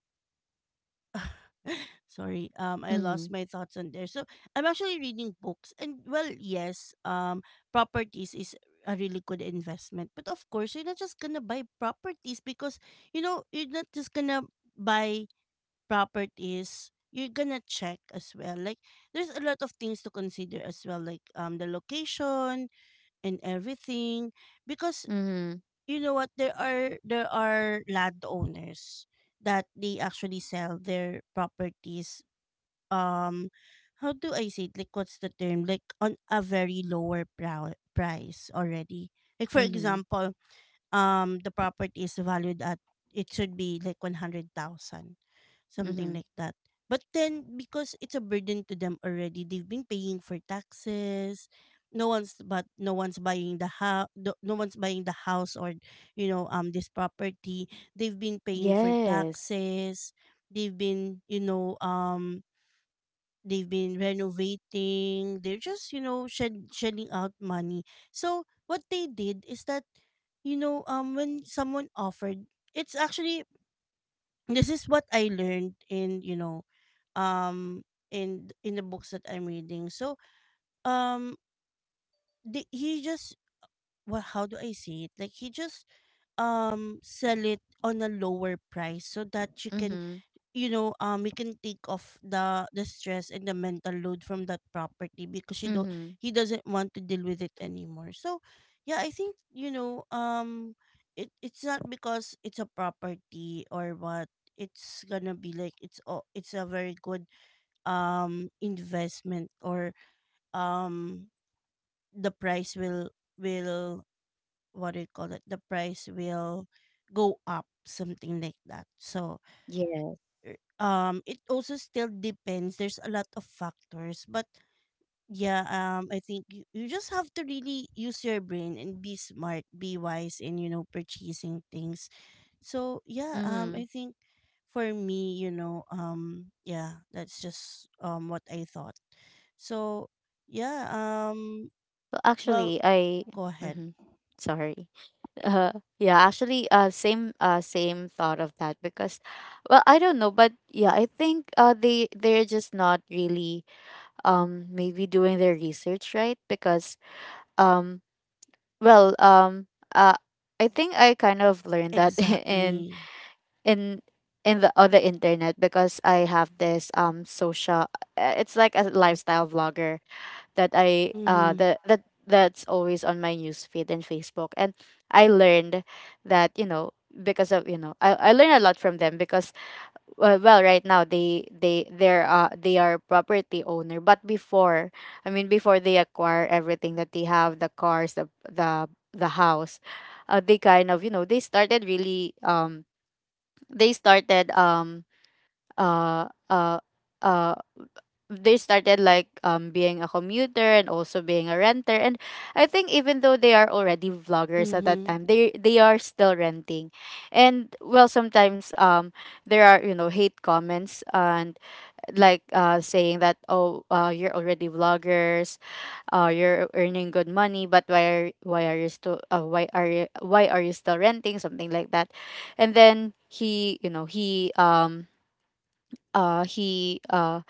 Speaker 1: sorry, I
Speaker 2: Mm-hmm.
Speaker 1: lost my thoughts on there. So I'm actually reading books, and well, yes, properties is a really good investment. But of course, you're not just gonna buy properties because, you know, you're not just gonna buy properties. You're gonna check as well. Like, there's a lot of things to consider as well, like the location and everything, because,
Speaker 2: Mm-hmm.
Speaker 1: you know what, there are, there are landowners that they actually sell their properties, um how do I say it? Like what's the term? Like on a very lower price already. Like for
Speaker 2: Mm-hmm.
Speaker 1: example, the property is valued at, it should be like 100,000, something
Speaker 2: Mm-hmm.
Speaker 1: like that. But then because it's a burden to them already, they've been paying for taxes. No one's, but no one's buying the house. No, no one's buying the house, or, you know, this property. They've been paying for
Speaker 2: Yes.
Speaker 1: taxes. They've been, you know, they've been renovating. They're just, you know, shedding out money. So what they did is that, you know, when someone offered, it's actually, this is what I learned in, you know, um in the books that I'm reading. So um he just, well, how do I say it, like, he just sell it on a lower price so that you can,
Speaker 2: Mm-hmm.
Speaker 1: you know, we can take off the stress and the mental load from that property, because she don't,
Speaker 2: Mm-hmm.
Speaker 1: he doesn't want to deal with it anymore. So yeah, I think, you know, it, it's not because it's a property or what, it's gonna be like, it's, oh, it's a very good investment, or um the price will, what do you call it, the price will go up, something like that. So
Speaker 2: Yeah.
Speaker 1: it also still depends, there's a lot of factors. But yeah, I think you, you just have to really use your brain and be smart, be wise in, you know, purchasing things. So yeah,
Speaker 2: Mm-hmm.
Speaker 1: I think for me, you know, yeah, that's just what I thought. So yeah,
Speaker 2: Well,
Speaker 1: well,
Speaker 2: actually, I.
Speaker 1: go ahead.
Speaker 2: Mm-hmm. Sorry. Uh, yeah, actually, same thought of that, because well, I don't know, but yeah, I think they they're just not really maybe doing their research right, because um well um uh I think I kind of learned that in
Speaker 1: Exactly.
Speaker 2: in in the other internet because I have this social it's like a lifestyle vlogger that I
Speaker 1: Mhm.
Speaker 2: that that that's always on my news feed and Facebook. And I learned that, you know, because of, you know, I learned a lot from them because, well, well right now they they're they are property owner. But before, I mean, before they acquire everything that they have, the cars, the the house, they kind of, you know, they started really they started um uh uh uh they started like being a commuter and also being a renter. And I think even though they are already vloggers at that
Speaker 1: Mhm.
Speaker 2: time, they are still renting. And, well, sometimes there are, you know, hate comments and like saying that, "Oh, you're already vloggers, you're earning good money, but why are you still why are you still renting?" Something like that. And then he you know uh he uh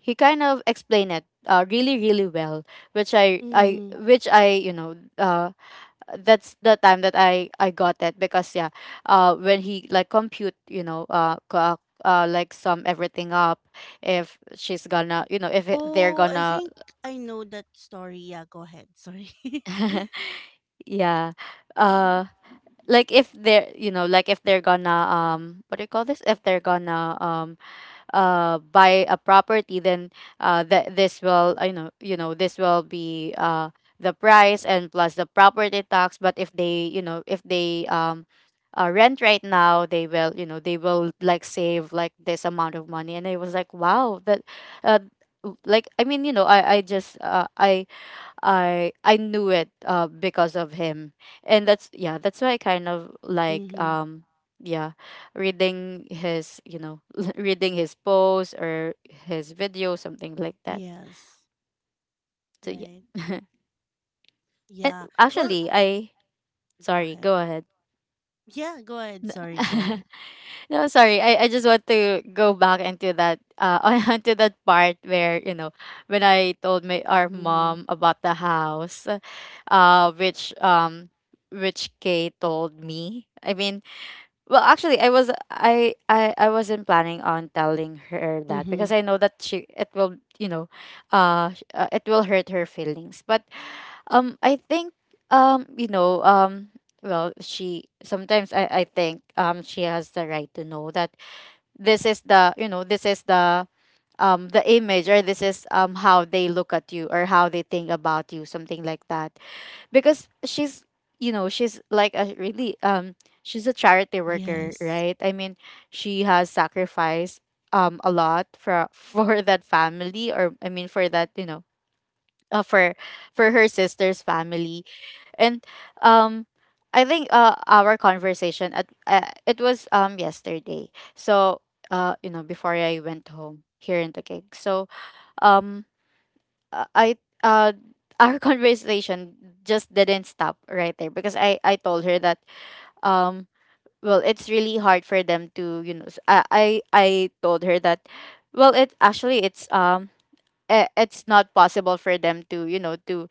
Speaker 2: he kind of explained it really really well, which
Speaker 1: Mhm.
Speaker 2: i, you know, that's the time that I got it, because yeah, when he like compute, you know, like sum everything up, if she's gonna, you know, if it- they're
Speaker 1: Oh, I
Speaker 2: gonna.
Speaker 1: think I know that story. Yeah, go ahead. Sorry.
Speaker 2: Yeah. uh like if they're, you know, like if they're gonna what do you call this, if they're gonna buy a property, then that this will, I know, you know, this will be the price and plus the property tax. But if they, you know, if they rent right now, they will, you know, they will like save like this amount of money. And I was like, wow, that uh, like, I mean, you know, I just I knew it because of him. And that's, yeah, that's why I kind of like
Speaker 1: Mm-hmm.
Speaker 2: yeah, reading his, you know, reading his posts or his video, something like that.
Speaker 1: Yes.
Speaker 2: So yeah.
Speaker 1: Right.
Speaker 2: And
Speaker 1: Yeah. Well,
Speaker 2: actually I
Speaker 1: go
Speaker 2: sorry,
Speaker 1: ahead.
Speaker 2: go ahead.
Speaker 1: Yeah, go ahead. Sorry, go ahead.
Speaker 2: No, sorry. I just want to go back into that onto that part where, you know, when I told my our
Speaker 1: Mm-hmm.
Speaker 2: mom about the house, uh which um which Kay told me. I mean, well, actually, I wasn't planning on telling her that
Speaker 1: Mm-hmm.
Speaker 2: because I know that she it will, you know, it will hurt her feelings. But I think you know, well she, sometimes I think she has the right to know that this is the, you know, this is the image, or this is how they look at you or how they think about you, something like that, because she's, you know, she's like a really she's a charity worker,
Speaker 1: Yes.
Speaker 2: right? I mean, she has sacrificed a lot for for that family, or I mean for that, you know, uh, for for her sister's family. And um I think our conversation at it was yesterday, so you know, before I went home here in the cake, so um I uh our conversation just didn't stop right there, because I I told her that um well, it's really hard for them to, you know, I told her that, well, it actually it's it's not possible for them to, you know, to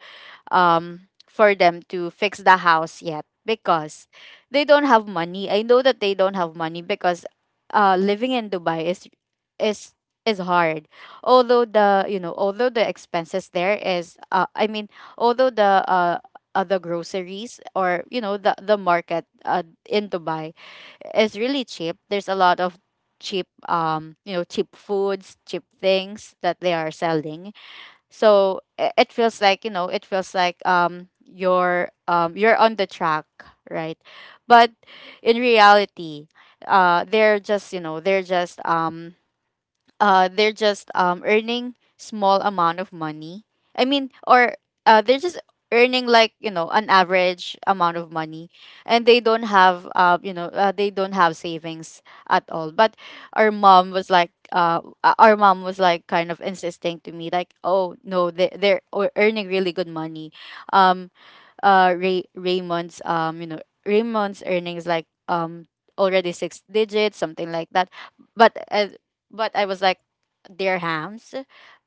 Speaker 2: for them to fix the house yet because they don't have money. I know that they don't have money because living in Dubai is is hard. Although the, you know, although the expenses there is I mean, although the other groceries, or you know the market in Dubai is really cheap. There's a lot of cheap cheap foods, cheap things that they are selling, so it feels like, it feels like you're on the track, right? But in reality, they're just, they're just they're just earning small amount of money. I mean, or they're just earning, like, an average amount of money, and they don't have they don't have savings at all. But our mom was like, our mom was like kind of insisting to me, like, oh no, they earning really good money. um Raymond's Raymond's earnings, like, already six digits, something like that. but uh, but I was like, dirhams.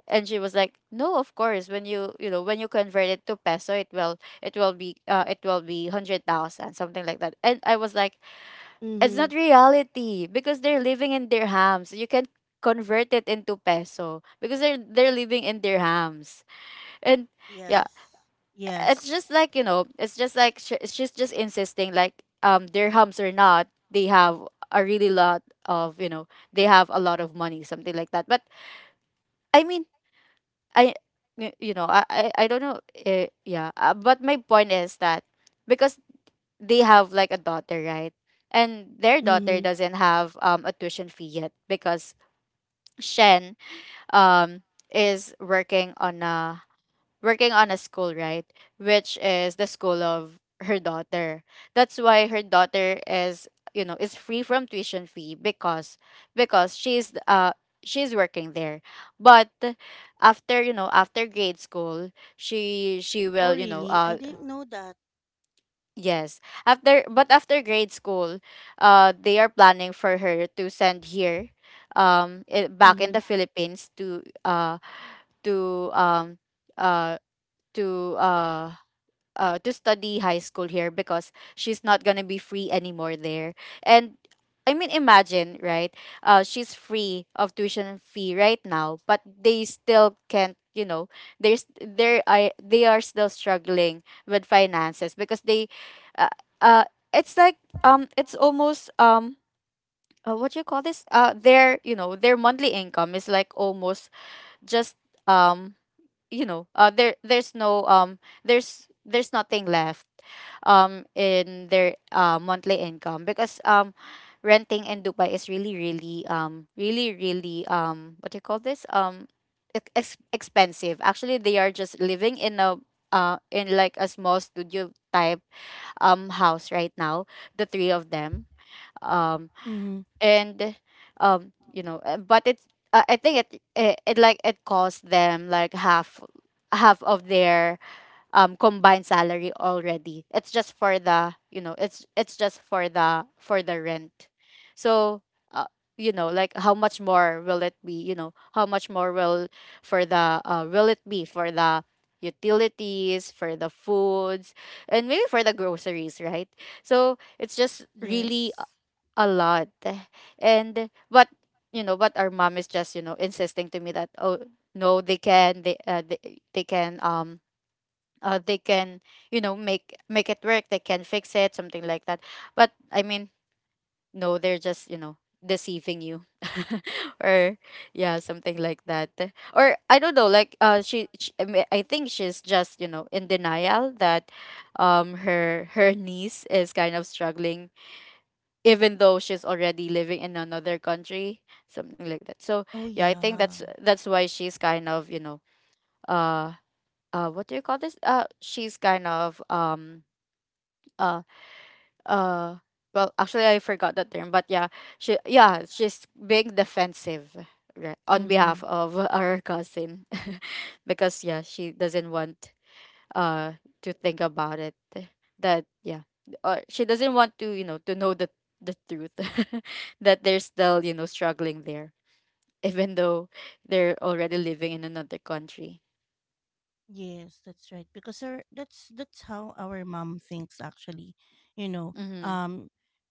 Speaker 2: And she was like, no, of course when you know when you convert it to peso, it will, it will be 100,000, something like that. And I was like, it's
Speaker 1: Mm-hmm.
Speaker 2: not reality, because they're living in dirhams. You can convert it into peso because they're living in dirhams. And yeah,
Speaker 1: Yes.
Speaker 2: it's
Speaker 1: Yes.
Speaker 2: just like, it's just like, she's just insisting like, um, dirhams or not, they have a really lot of, they have a lot of money, something like that. But I mean, i you know, I don't know. Yeah but my point is that, because they have like a daughter, right? And their daughter
Speaker 1: Mm-hmm.
Speaker 2: doesn't have a tuition fee yet, because Shen um is working on a school, right? Which is the school of her daughter. That's why her daughter is, you know, is free from tuition fee, because because she's uh she's working there. But after, you know, after grade school, she
Speaker 1: Oh,
Speaker 2: will, you know,
Speaker 1: really? I didn't know that.
Speaker 2: yes. After, but after grade school, they are planning for her to send here, back in
Speaker 1: Mm-hmm.
Speaker 2: the Philippines, to to um uh to uh to study high school here, because she's not gonna be free anymore there. And I mean, imagine, right? She's free of tuition fee right now, but they still can't. You know, there's there I, they are still struggling with finances, because they, uh, uh it's like, it's almost, what do you call this? Their, you know, their monthly income is like almost just, um there there's no there's there's nothing left in their monthly income, because renting in Dubai is really really what do you call this, um, expensive. Actually, they are just living in a in like a small studio type house right now, the three of them, um, and but it's, I think it cost them like half, half of their combined salary already. It's just for the, it's just for the rent. So uh, you know, like, how much more will it be? You know, how much more will, for the will it be for the utilities, for the foods, and maybe for the groceries, right? So it's just really
Speaker 1: Yes.
Speaker 2: a lot. And but you know, but our mom is just, you know, insisting to me that, oh no, they can, they can, they can, you know, make it work, they can fix it, something like that. But I mean, no, they're just, you know, deceiving you, or yeah, something like that. Or I don't know, like, she, I mean, I think she's just, you know, in denial that her niece is kind of struggling, even though she's already living in another country, something like that. So
Speaker 1: Oh,
Speaker 2: yeah, I think
Speaker 1: yeah.
Speaker 2: that's why she's kind of, you know, uh what do you call this, she's kind of uh uh well, actually, I forgot that term, but yeah, she yeah, she's being defensive, right, on
Speaker 1: Mm-hmm.
Speaker 2: behalf of our cousin. Because yeah, she doesn't want uh to think about it, eh, that, yeah, or she doesn't want to, you know, to know the truth, that they're still, you know, struggling there, even though they're already living in another country.
Speaker 1: Yes, that's right. Because her, that's how our mom thinks actually. You know,
Speaker 2: Mm-hmm.
Speaker 1: um,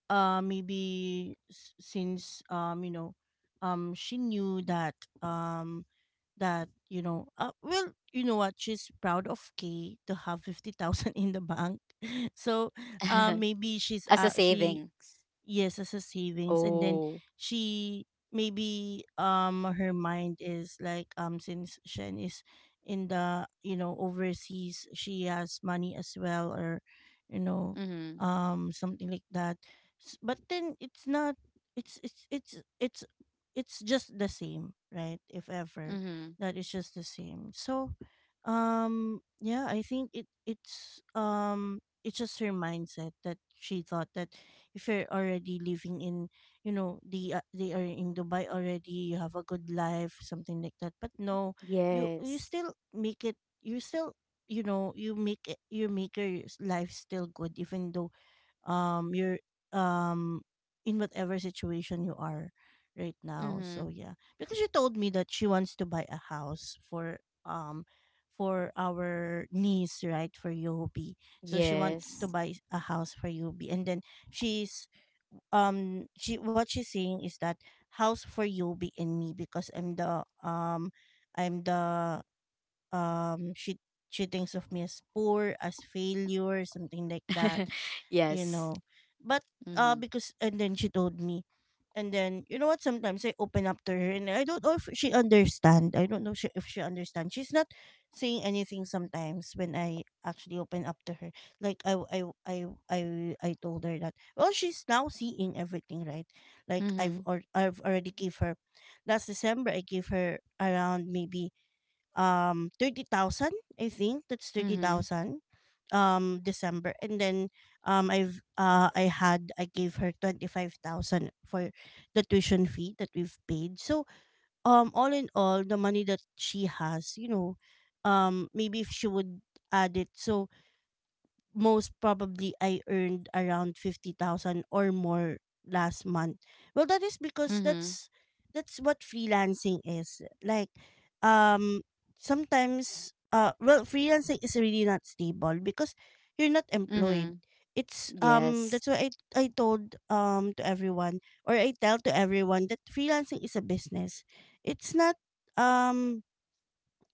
Speaker 1: maybe since, you know, she knew that um, that, you know, well, you know what, she's proud of Kay to have 50,000 in the bank. So, maybe she's,
Speaker 2: As a
Speaker 1: she,
Speaker 2: savings.
Speaker 1: yes, as a savings. And then
Speaker 2: Oh.
Speaker 1: she, maybe her mind is like, since Shen is in the, you know, overseas, she has money as well, or, you know,
Speaker 2: Mm-hmm.
Speaker 1: something like that. But then it's not, it's it's just the same, right? If ever
Speaker 2: Mm-hmm.
Speaker 1: that is just the same. So yeah, I think it, it's, it's just her mindset, that she thought that if you're already living in, you know, they are in Dubai already, you have a good life, something like that. But no, you, you
Speaker 2: Yes.
Speaker 1: still make it, you still, you know, you make it, you make your life still good, even though you're, um in whatever situation you are right now.
Speaker 2: Mm-hmm.
Speaker 1: So yeah, because she told me that she wants to buy a house um for our niece, right, for Yobi. So she wants to
Speaker 2: Yes.
Speaker 1: buy a house for Yobi, and then she's, she, what she's saying is that, house for Yobi and me, because I'm the I'm the um she she thinks of me as poor, as failure, something like that, you
Speaker 2: Yes.
Speaker 1: know. But uh,
Speaker 2: Mm-hmm.
Speaker 1: because and then she told me, and then you know what, sometimes I open up to her and I don't know if she understand. I don't know, she, if she understand. She's not saying anything sometimes when I actually open up to her. Like I I, I told her that, well, she's now seeing everything, right? Like
Speaker 2: Mm-hmm.
Speaker 1: I've already gave her last December. I gave her around maybe 30,000. I think that's
Speaker 2: Mm-hmm.
Speaker 1: 30,000, December. And then I've I had I gave her 25,000 for the tuition fee that we've paid. So all in all the money that she has, you know, maybe if she would add it, so most probably I earned around 50,000 or more last month. Well, that is because
Speaker 2: Mm-hmm.
Speaker 1: that's what freelancing is. Like, um sometimes, well, freelancing is really not stable because you're not employed.
Speaker 2: Mm-hmm.
Speaker 1: It's,
Speaker 2: Yes.
Speaker 1: that's why I told to everyone, or I tell to everyone, that freelancing is a business. It's not, um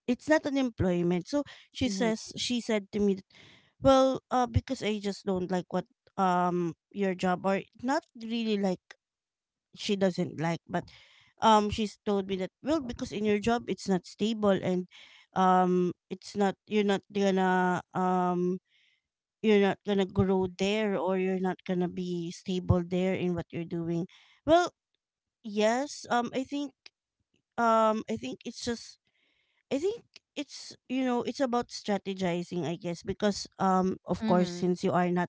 Speaker 1: it's not an employment. So she
Speaker 2: Mm-hmm.
Speaker 1: says, she said to me, that, well, because I just don't like what, your job, or not really like, she doesn't like, but she's told me that, well, because in your job it's not stable, and it's not, you're not gonna you're not gonna grow there, or you're not gonna be stable there in what you're doing. Well, yes, I think, I think it's just, I think it's, you know, it's about strategizing, I guess, because, of course,
Speaker 2: Mm-hmm.
Speaker 1: since you are not,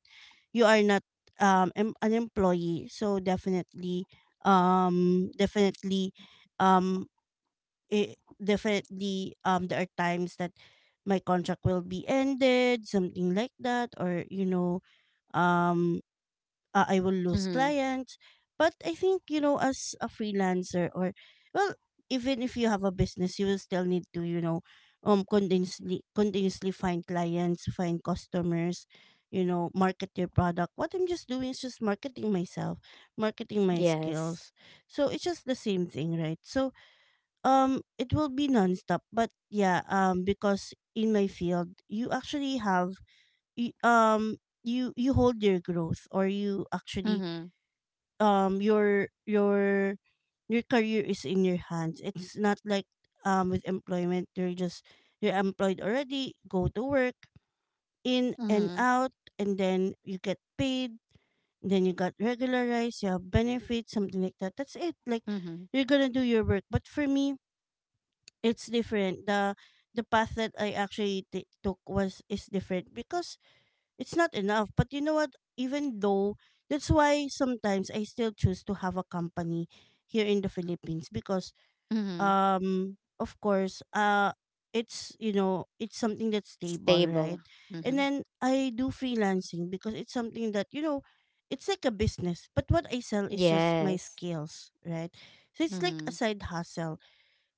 Speaker 1: you are not an employee, so definitely, definitely, um it, definitely there are times that my contract will be ended, something like that, or you know, um I will lose
Speaker 2: Mm-hmm.
Speaker 1: clients. But I think, you know, as a freelancer, or, well, even if you have a business, you will still need to, you know, continuously find clients, find customers, you know, market your product. What I'm just doing is just marketing myself, marketing my
Speaker 2: Yes.
Speaker 1: skills. So it's just the same thing, right? So, it will be nonstop. But yeah, because in my field, you actually have, y- um, you, you hold your growth, or you actually
Speaker 2: Mm-hmm.
Speaker 1: um your your your career is in your hands. It's not like with employment you're just you're employed already, go to work, in and
Speaker 2: Mm-hmm.
Speaker 1: out, and then you get paid, then you got regularized, you have benefits, something like that. That's it. Like
Speaker 2: Mm-hmm.
Speaker 1: you're gonna do your work. But for me, it's different. The path that I actually took was is different because it's not enough. But you know what? Even though that's why sometimes I still choose to have a company here in the Philippines because
Speaker 2: Mm-hmm.
Speaker 1: of course it's you know it's something that's stable,
Speaker 2: Stable.
Speaker 1: right? And
Speaker 2: Mm-hmm.
Speaker 1: then I do freelancing because it's something that you know it's like a business, but what I sell is just my
Speaker 2: Yes.
Speaker 1: skills, right? So it's like
Speaker 2: Mm-hmm.
Speaker 1: a side hustle.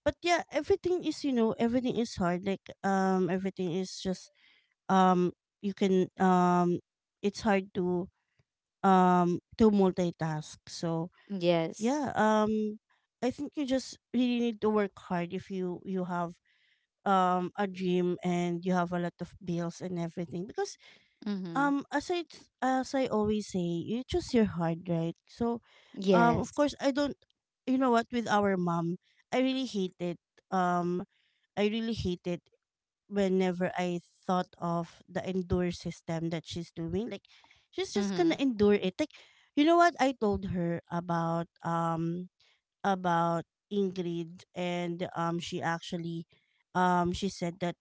Speaker 1: But yeah, everything is you know everything is hard. Like everything is just um you can it's hard to multitask so
Speaker 2: Yes.
Speaker 1: yeah I think you just really need to work hard if you have a dream and you have a lot of bills and everything because
Speaker 2: Mm-hmm.
Speaker 1: as I as I always say you choose your heart right so of
Speaker 2: Yes.
Speaker 1: course I don't you know what with our mom I really hate it um I really hate it whenever I thought of the endure system that she's doing. Like she's just
Speaker 2: Mm-hmm.
Speaker 1: gonna endure it. Like you know what I told her about about Ingrid and she actually she said that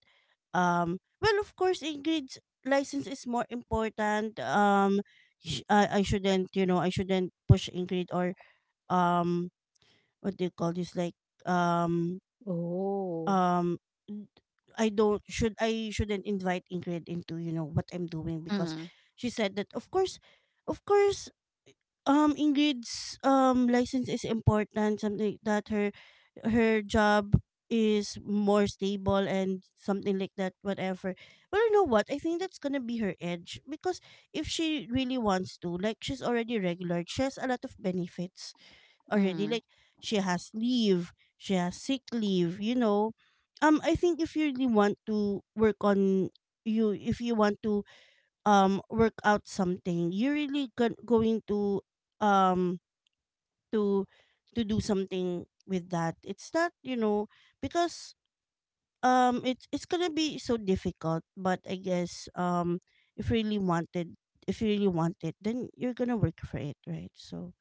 Speaker 1: well of course Ingrid's license is more important. I shouldn't you know I shouldn't push Ingrid or um what do you call this like um
Speaker 2: Oh.
Speaker 1: um n- I don't should I shouldn't invite Ingrid into you know what I'm doing because
Speaker 2: Mm-hmm.
Speaker 1: she said that of course Ingrid's license is important something like that her her job is more stable and something like that whatever but you know what I think that's gonna be her edge because if she really wants to like she's already regular she has a lot of benefits already
Speaker 2: Mm-hmm.
Speaker 1: like she has leave, she has sick leave, you know I think if you really want to work on you if you want to work out something you're really going to um to to do something with that it's not you know because it's gonna be so difficult but I guess if you really wanted if you really want it then you're gonna work for it right so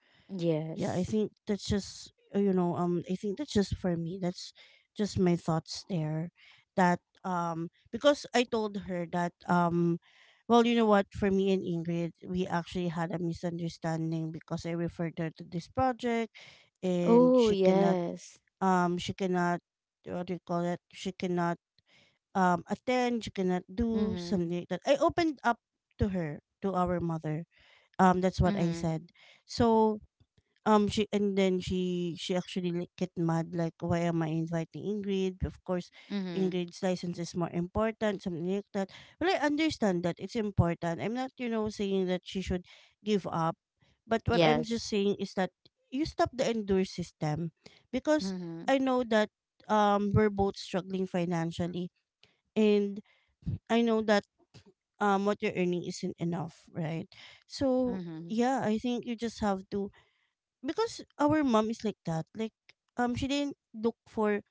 Speaker 1: yeah I
Speaker 2: Yes.
Speaker 1: think that's just you know I think that's just for me that's just my thoughts there that because I told her that well you know what for me and Ingrid we actually had a misunderstanding because I referred her to this project and
Speaker 2: Oh, yes.
Speaker 1: she cannot what do you call it she cannot attend she cannot do
Speaker 2: Mm-hmm.
Speaker 1: something like that I opened up to her to our mother that's what I
Speaker 2: Mm-hmm.
Speaker 1: said so she and then she actually get mad like why am I inviting Ingrid? Of course,
Speaker 2: Mm-hmm.
Speaker 1: Ingrid's license is more important, something like that. Well, I understand that it's important. I'm not you know saying that she should give up, but what I'm just
Speaker 2: Yes.
Speaker 1: saying is that you stop the endure system because
Speaker 2: Mm-hmm.
Speaker 1: I know that we're both struggling financially and I know that what you're earning isn't enough, right? So
Speaker 2: Mm-hmm.
Speaker 1: yeah, I think you just have to because our mom is like that like she didn't look for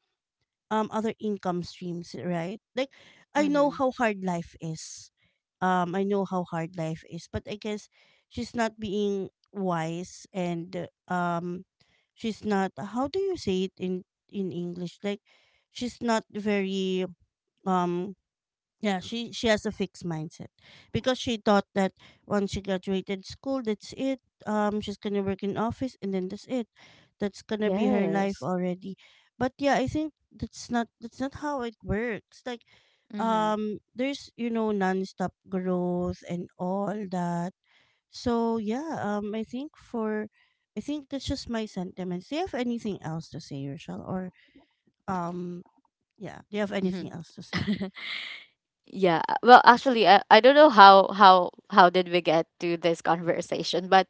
Speaker 1: other income streams right like I know
Speaker 2: Mm-hmm.
Speaker 1: how hard life is I know how hard life is but I guess she's not being wise and she's not how do you say it in English like she's not very um yeah, she has a fixed mindset because she thought that once she graduated school, that's it. She's gonna work in office and then that's it. That's gonna be her life
Speaker 2: Yes.
Speaker 1: already. But yeah, I think that's not how it works. Like,
Speaker 2: Mm-hmm.
Speaker 1: there's you know nonstop growth and all that. So yeah, I think for, I think that's just my sentiments. Do you have anything else to say, Rochelle? Or um, yeah, do you have anything else to say?
Speaker 2: Yeah. Well, actually, I don't know how did we get to this conversation, but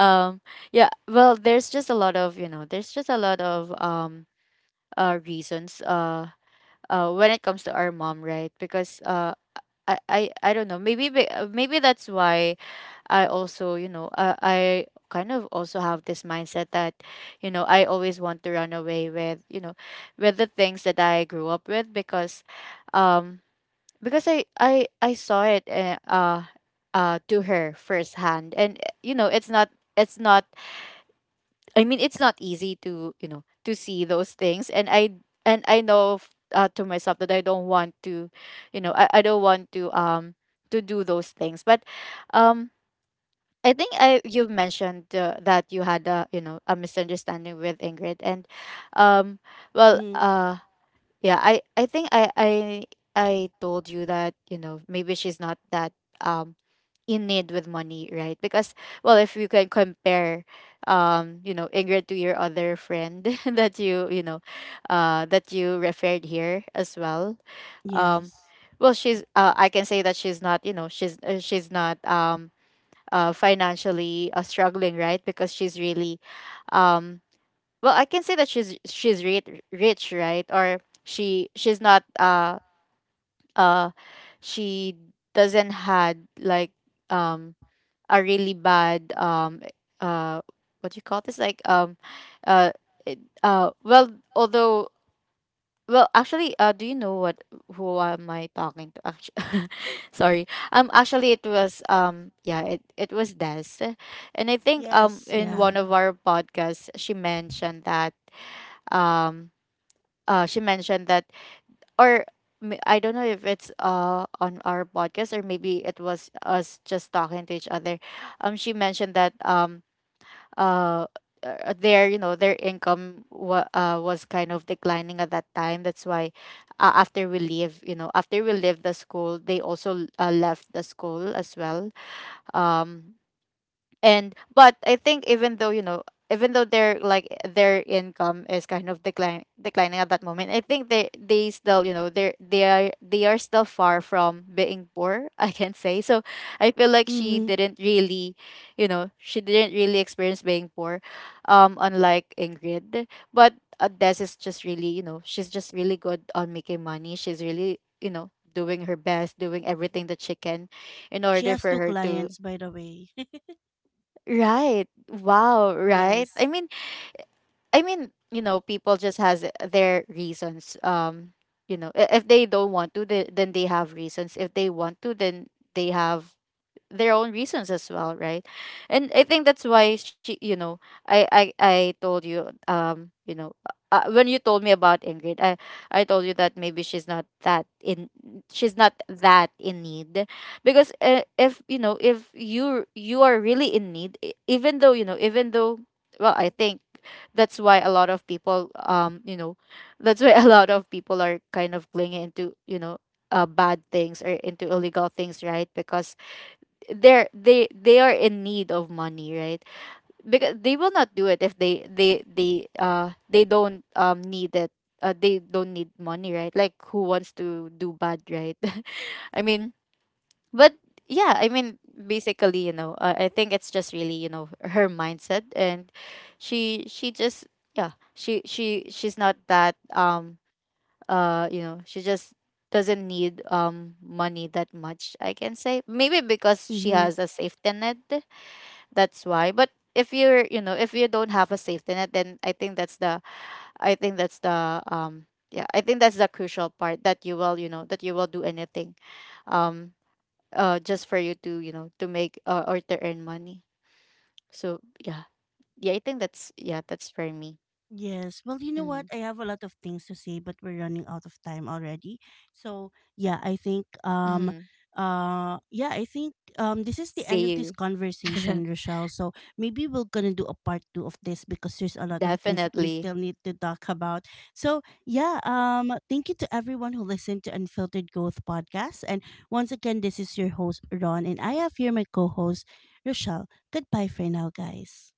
Speaker 2: um yeah, well, there's just a lot of, you know, there's just a lot of reasons when it comes to our mom, right? Because I don't know. Maybe, maybe that's why I also, you know, I kind of also have this mindset that, you know, I always want to run away with, you know, with the things that I grew up with, um because I saw it, to her firsthand, and you know, it's not, it's not I mean, it's not easy to, you know, to see those things, and I, and I know, to myself, that I don't want to, you know, I don't want to do those things, but um. I think I, you mentioned that you had a, you know, a misunderstanding with Ingrid, and um well
Speaker 1: Mm,
Speaker 2: uh yeah, I think I told you that, you know, maybe she's not that um in need with money, right? Because, well, if you can compare, you know, Ingrid to your other friend that you know, that you referred here as well. Um,
Speaker 1: yes.
Speaker 2: well, she's, I can say that she's not, you know, she's, she's not financially, struggling, right? Because she's really um well, I can say that she's rich, rich, right? Or she, uh she doesn't had like um a really bad uh what do you call this, like uh well, although, well, actually, do you know what, who am I talking to, actually? Sorry. Actually, it was, yeah, it was Des. And I think,
Speaker 1: Yes,
Speaker 2: in
Speaker 1: yeah.
Speaker 2: one of our podcasts, um she mentioned that, or, I don't know if it's on our podcast, or maybe it was us just talking to each other. She mentioned that uh their, you know, their income, was kind of declining at that time. That's why, after we leave, you know, after we leave the school, they also, left the school as well. Um, and but I think, even though you know, even though their, like, their income is kind of decline declining at that moment, I think they, still, you know, they're, they are still far from being poor I can say. So I feel like she
Speaker 1: Mm-hmm.
Speaker 2: didn't really, you know, she didn't really experience being poor, unlike Ingrid. But Des is just really, you know, she's just really good on making money. She's really, you know, doing her best, doing everything that she can in
Speaker 1: She
Speaker 2: order
Speaker 1: has
Speaker 2: for
Speaker 1: two
Speaker 2: her to—
Speaker 1: clients, by the way.
Speaker 2: Right. Wow,
Speaker 1: Yes.
Speaker 2: right? I mean, you know, people just has, eh, their reasons. You know, if they don't want to, they, then they have reasons. If they want to, then they have their own reasons as well, right? And I think that's why she, you know, I told you, you know, when you told me about Ingrid, I told you that maybe she's not that in, she's not that in need. Because if you know, if you, are really in need, even though, you know, even though, well, I think that's why a lot of people, you know, that's why a lot of people are kind of clinging into, you know, bad things, or into illegal things, right? Because they are in need of money, right? Because they will not do it if they, they don't need it, they don't need money, right? Like, who wants to do bad, right? I mean, but yeah, I mean, basically, you know, I think it's just really, you know, her mindset. And she just, yeah, she's not that you know, she just doesn't need money that much, I can say, maybe because she
Speaker 1: Mm-hmm.
Speaker 2: has a safety net, that's why. But if you're, you know, if you don't have a safety net, then I think that's the, I think that's the, yeah, I think that's the crucial part, that you will, you know, that you will do anything, um, just for you to, you know, to make, or to earn money. So yeah, yeah, I think that's, yeah, that's for me.
Speaker 1: Yes. Well, you know what?
Speaker 2: Mm-hmm.
Speaker 1: I have a lot of things to say, but we're running out of time already. So
Speaker 2: Mm-hmm.
Speaker 1: yeah, I think this is the end of
Speaker 2: See
Speaker 1: this
Speaker 2: you.
Speaker 1: conversation, Rochelle. So maybe we're gonna do a part two of this because there's a lot of things that we still
Speaker 2: Definitely.
Speaker 1: need to talk about. So yeah, thank you to everyone who listened to Unfiltered Growth Podcast. And once again, this is your host, Ron, and I have here my co host, Rochelle. Goodbye for now, guys.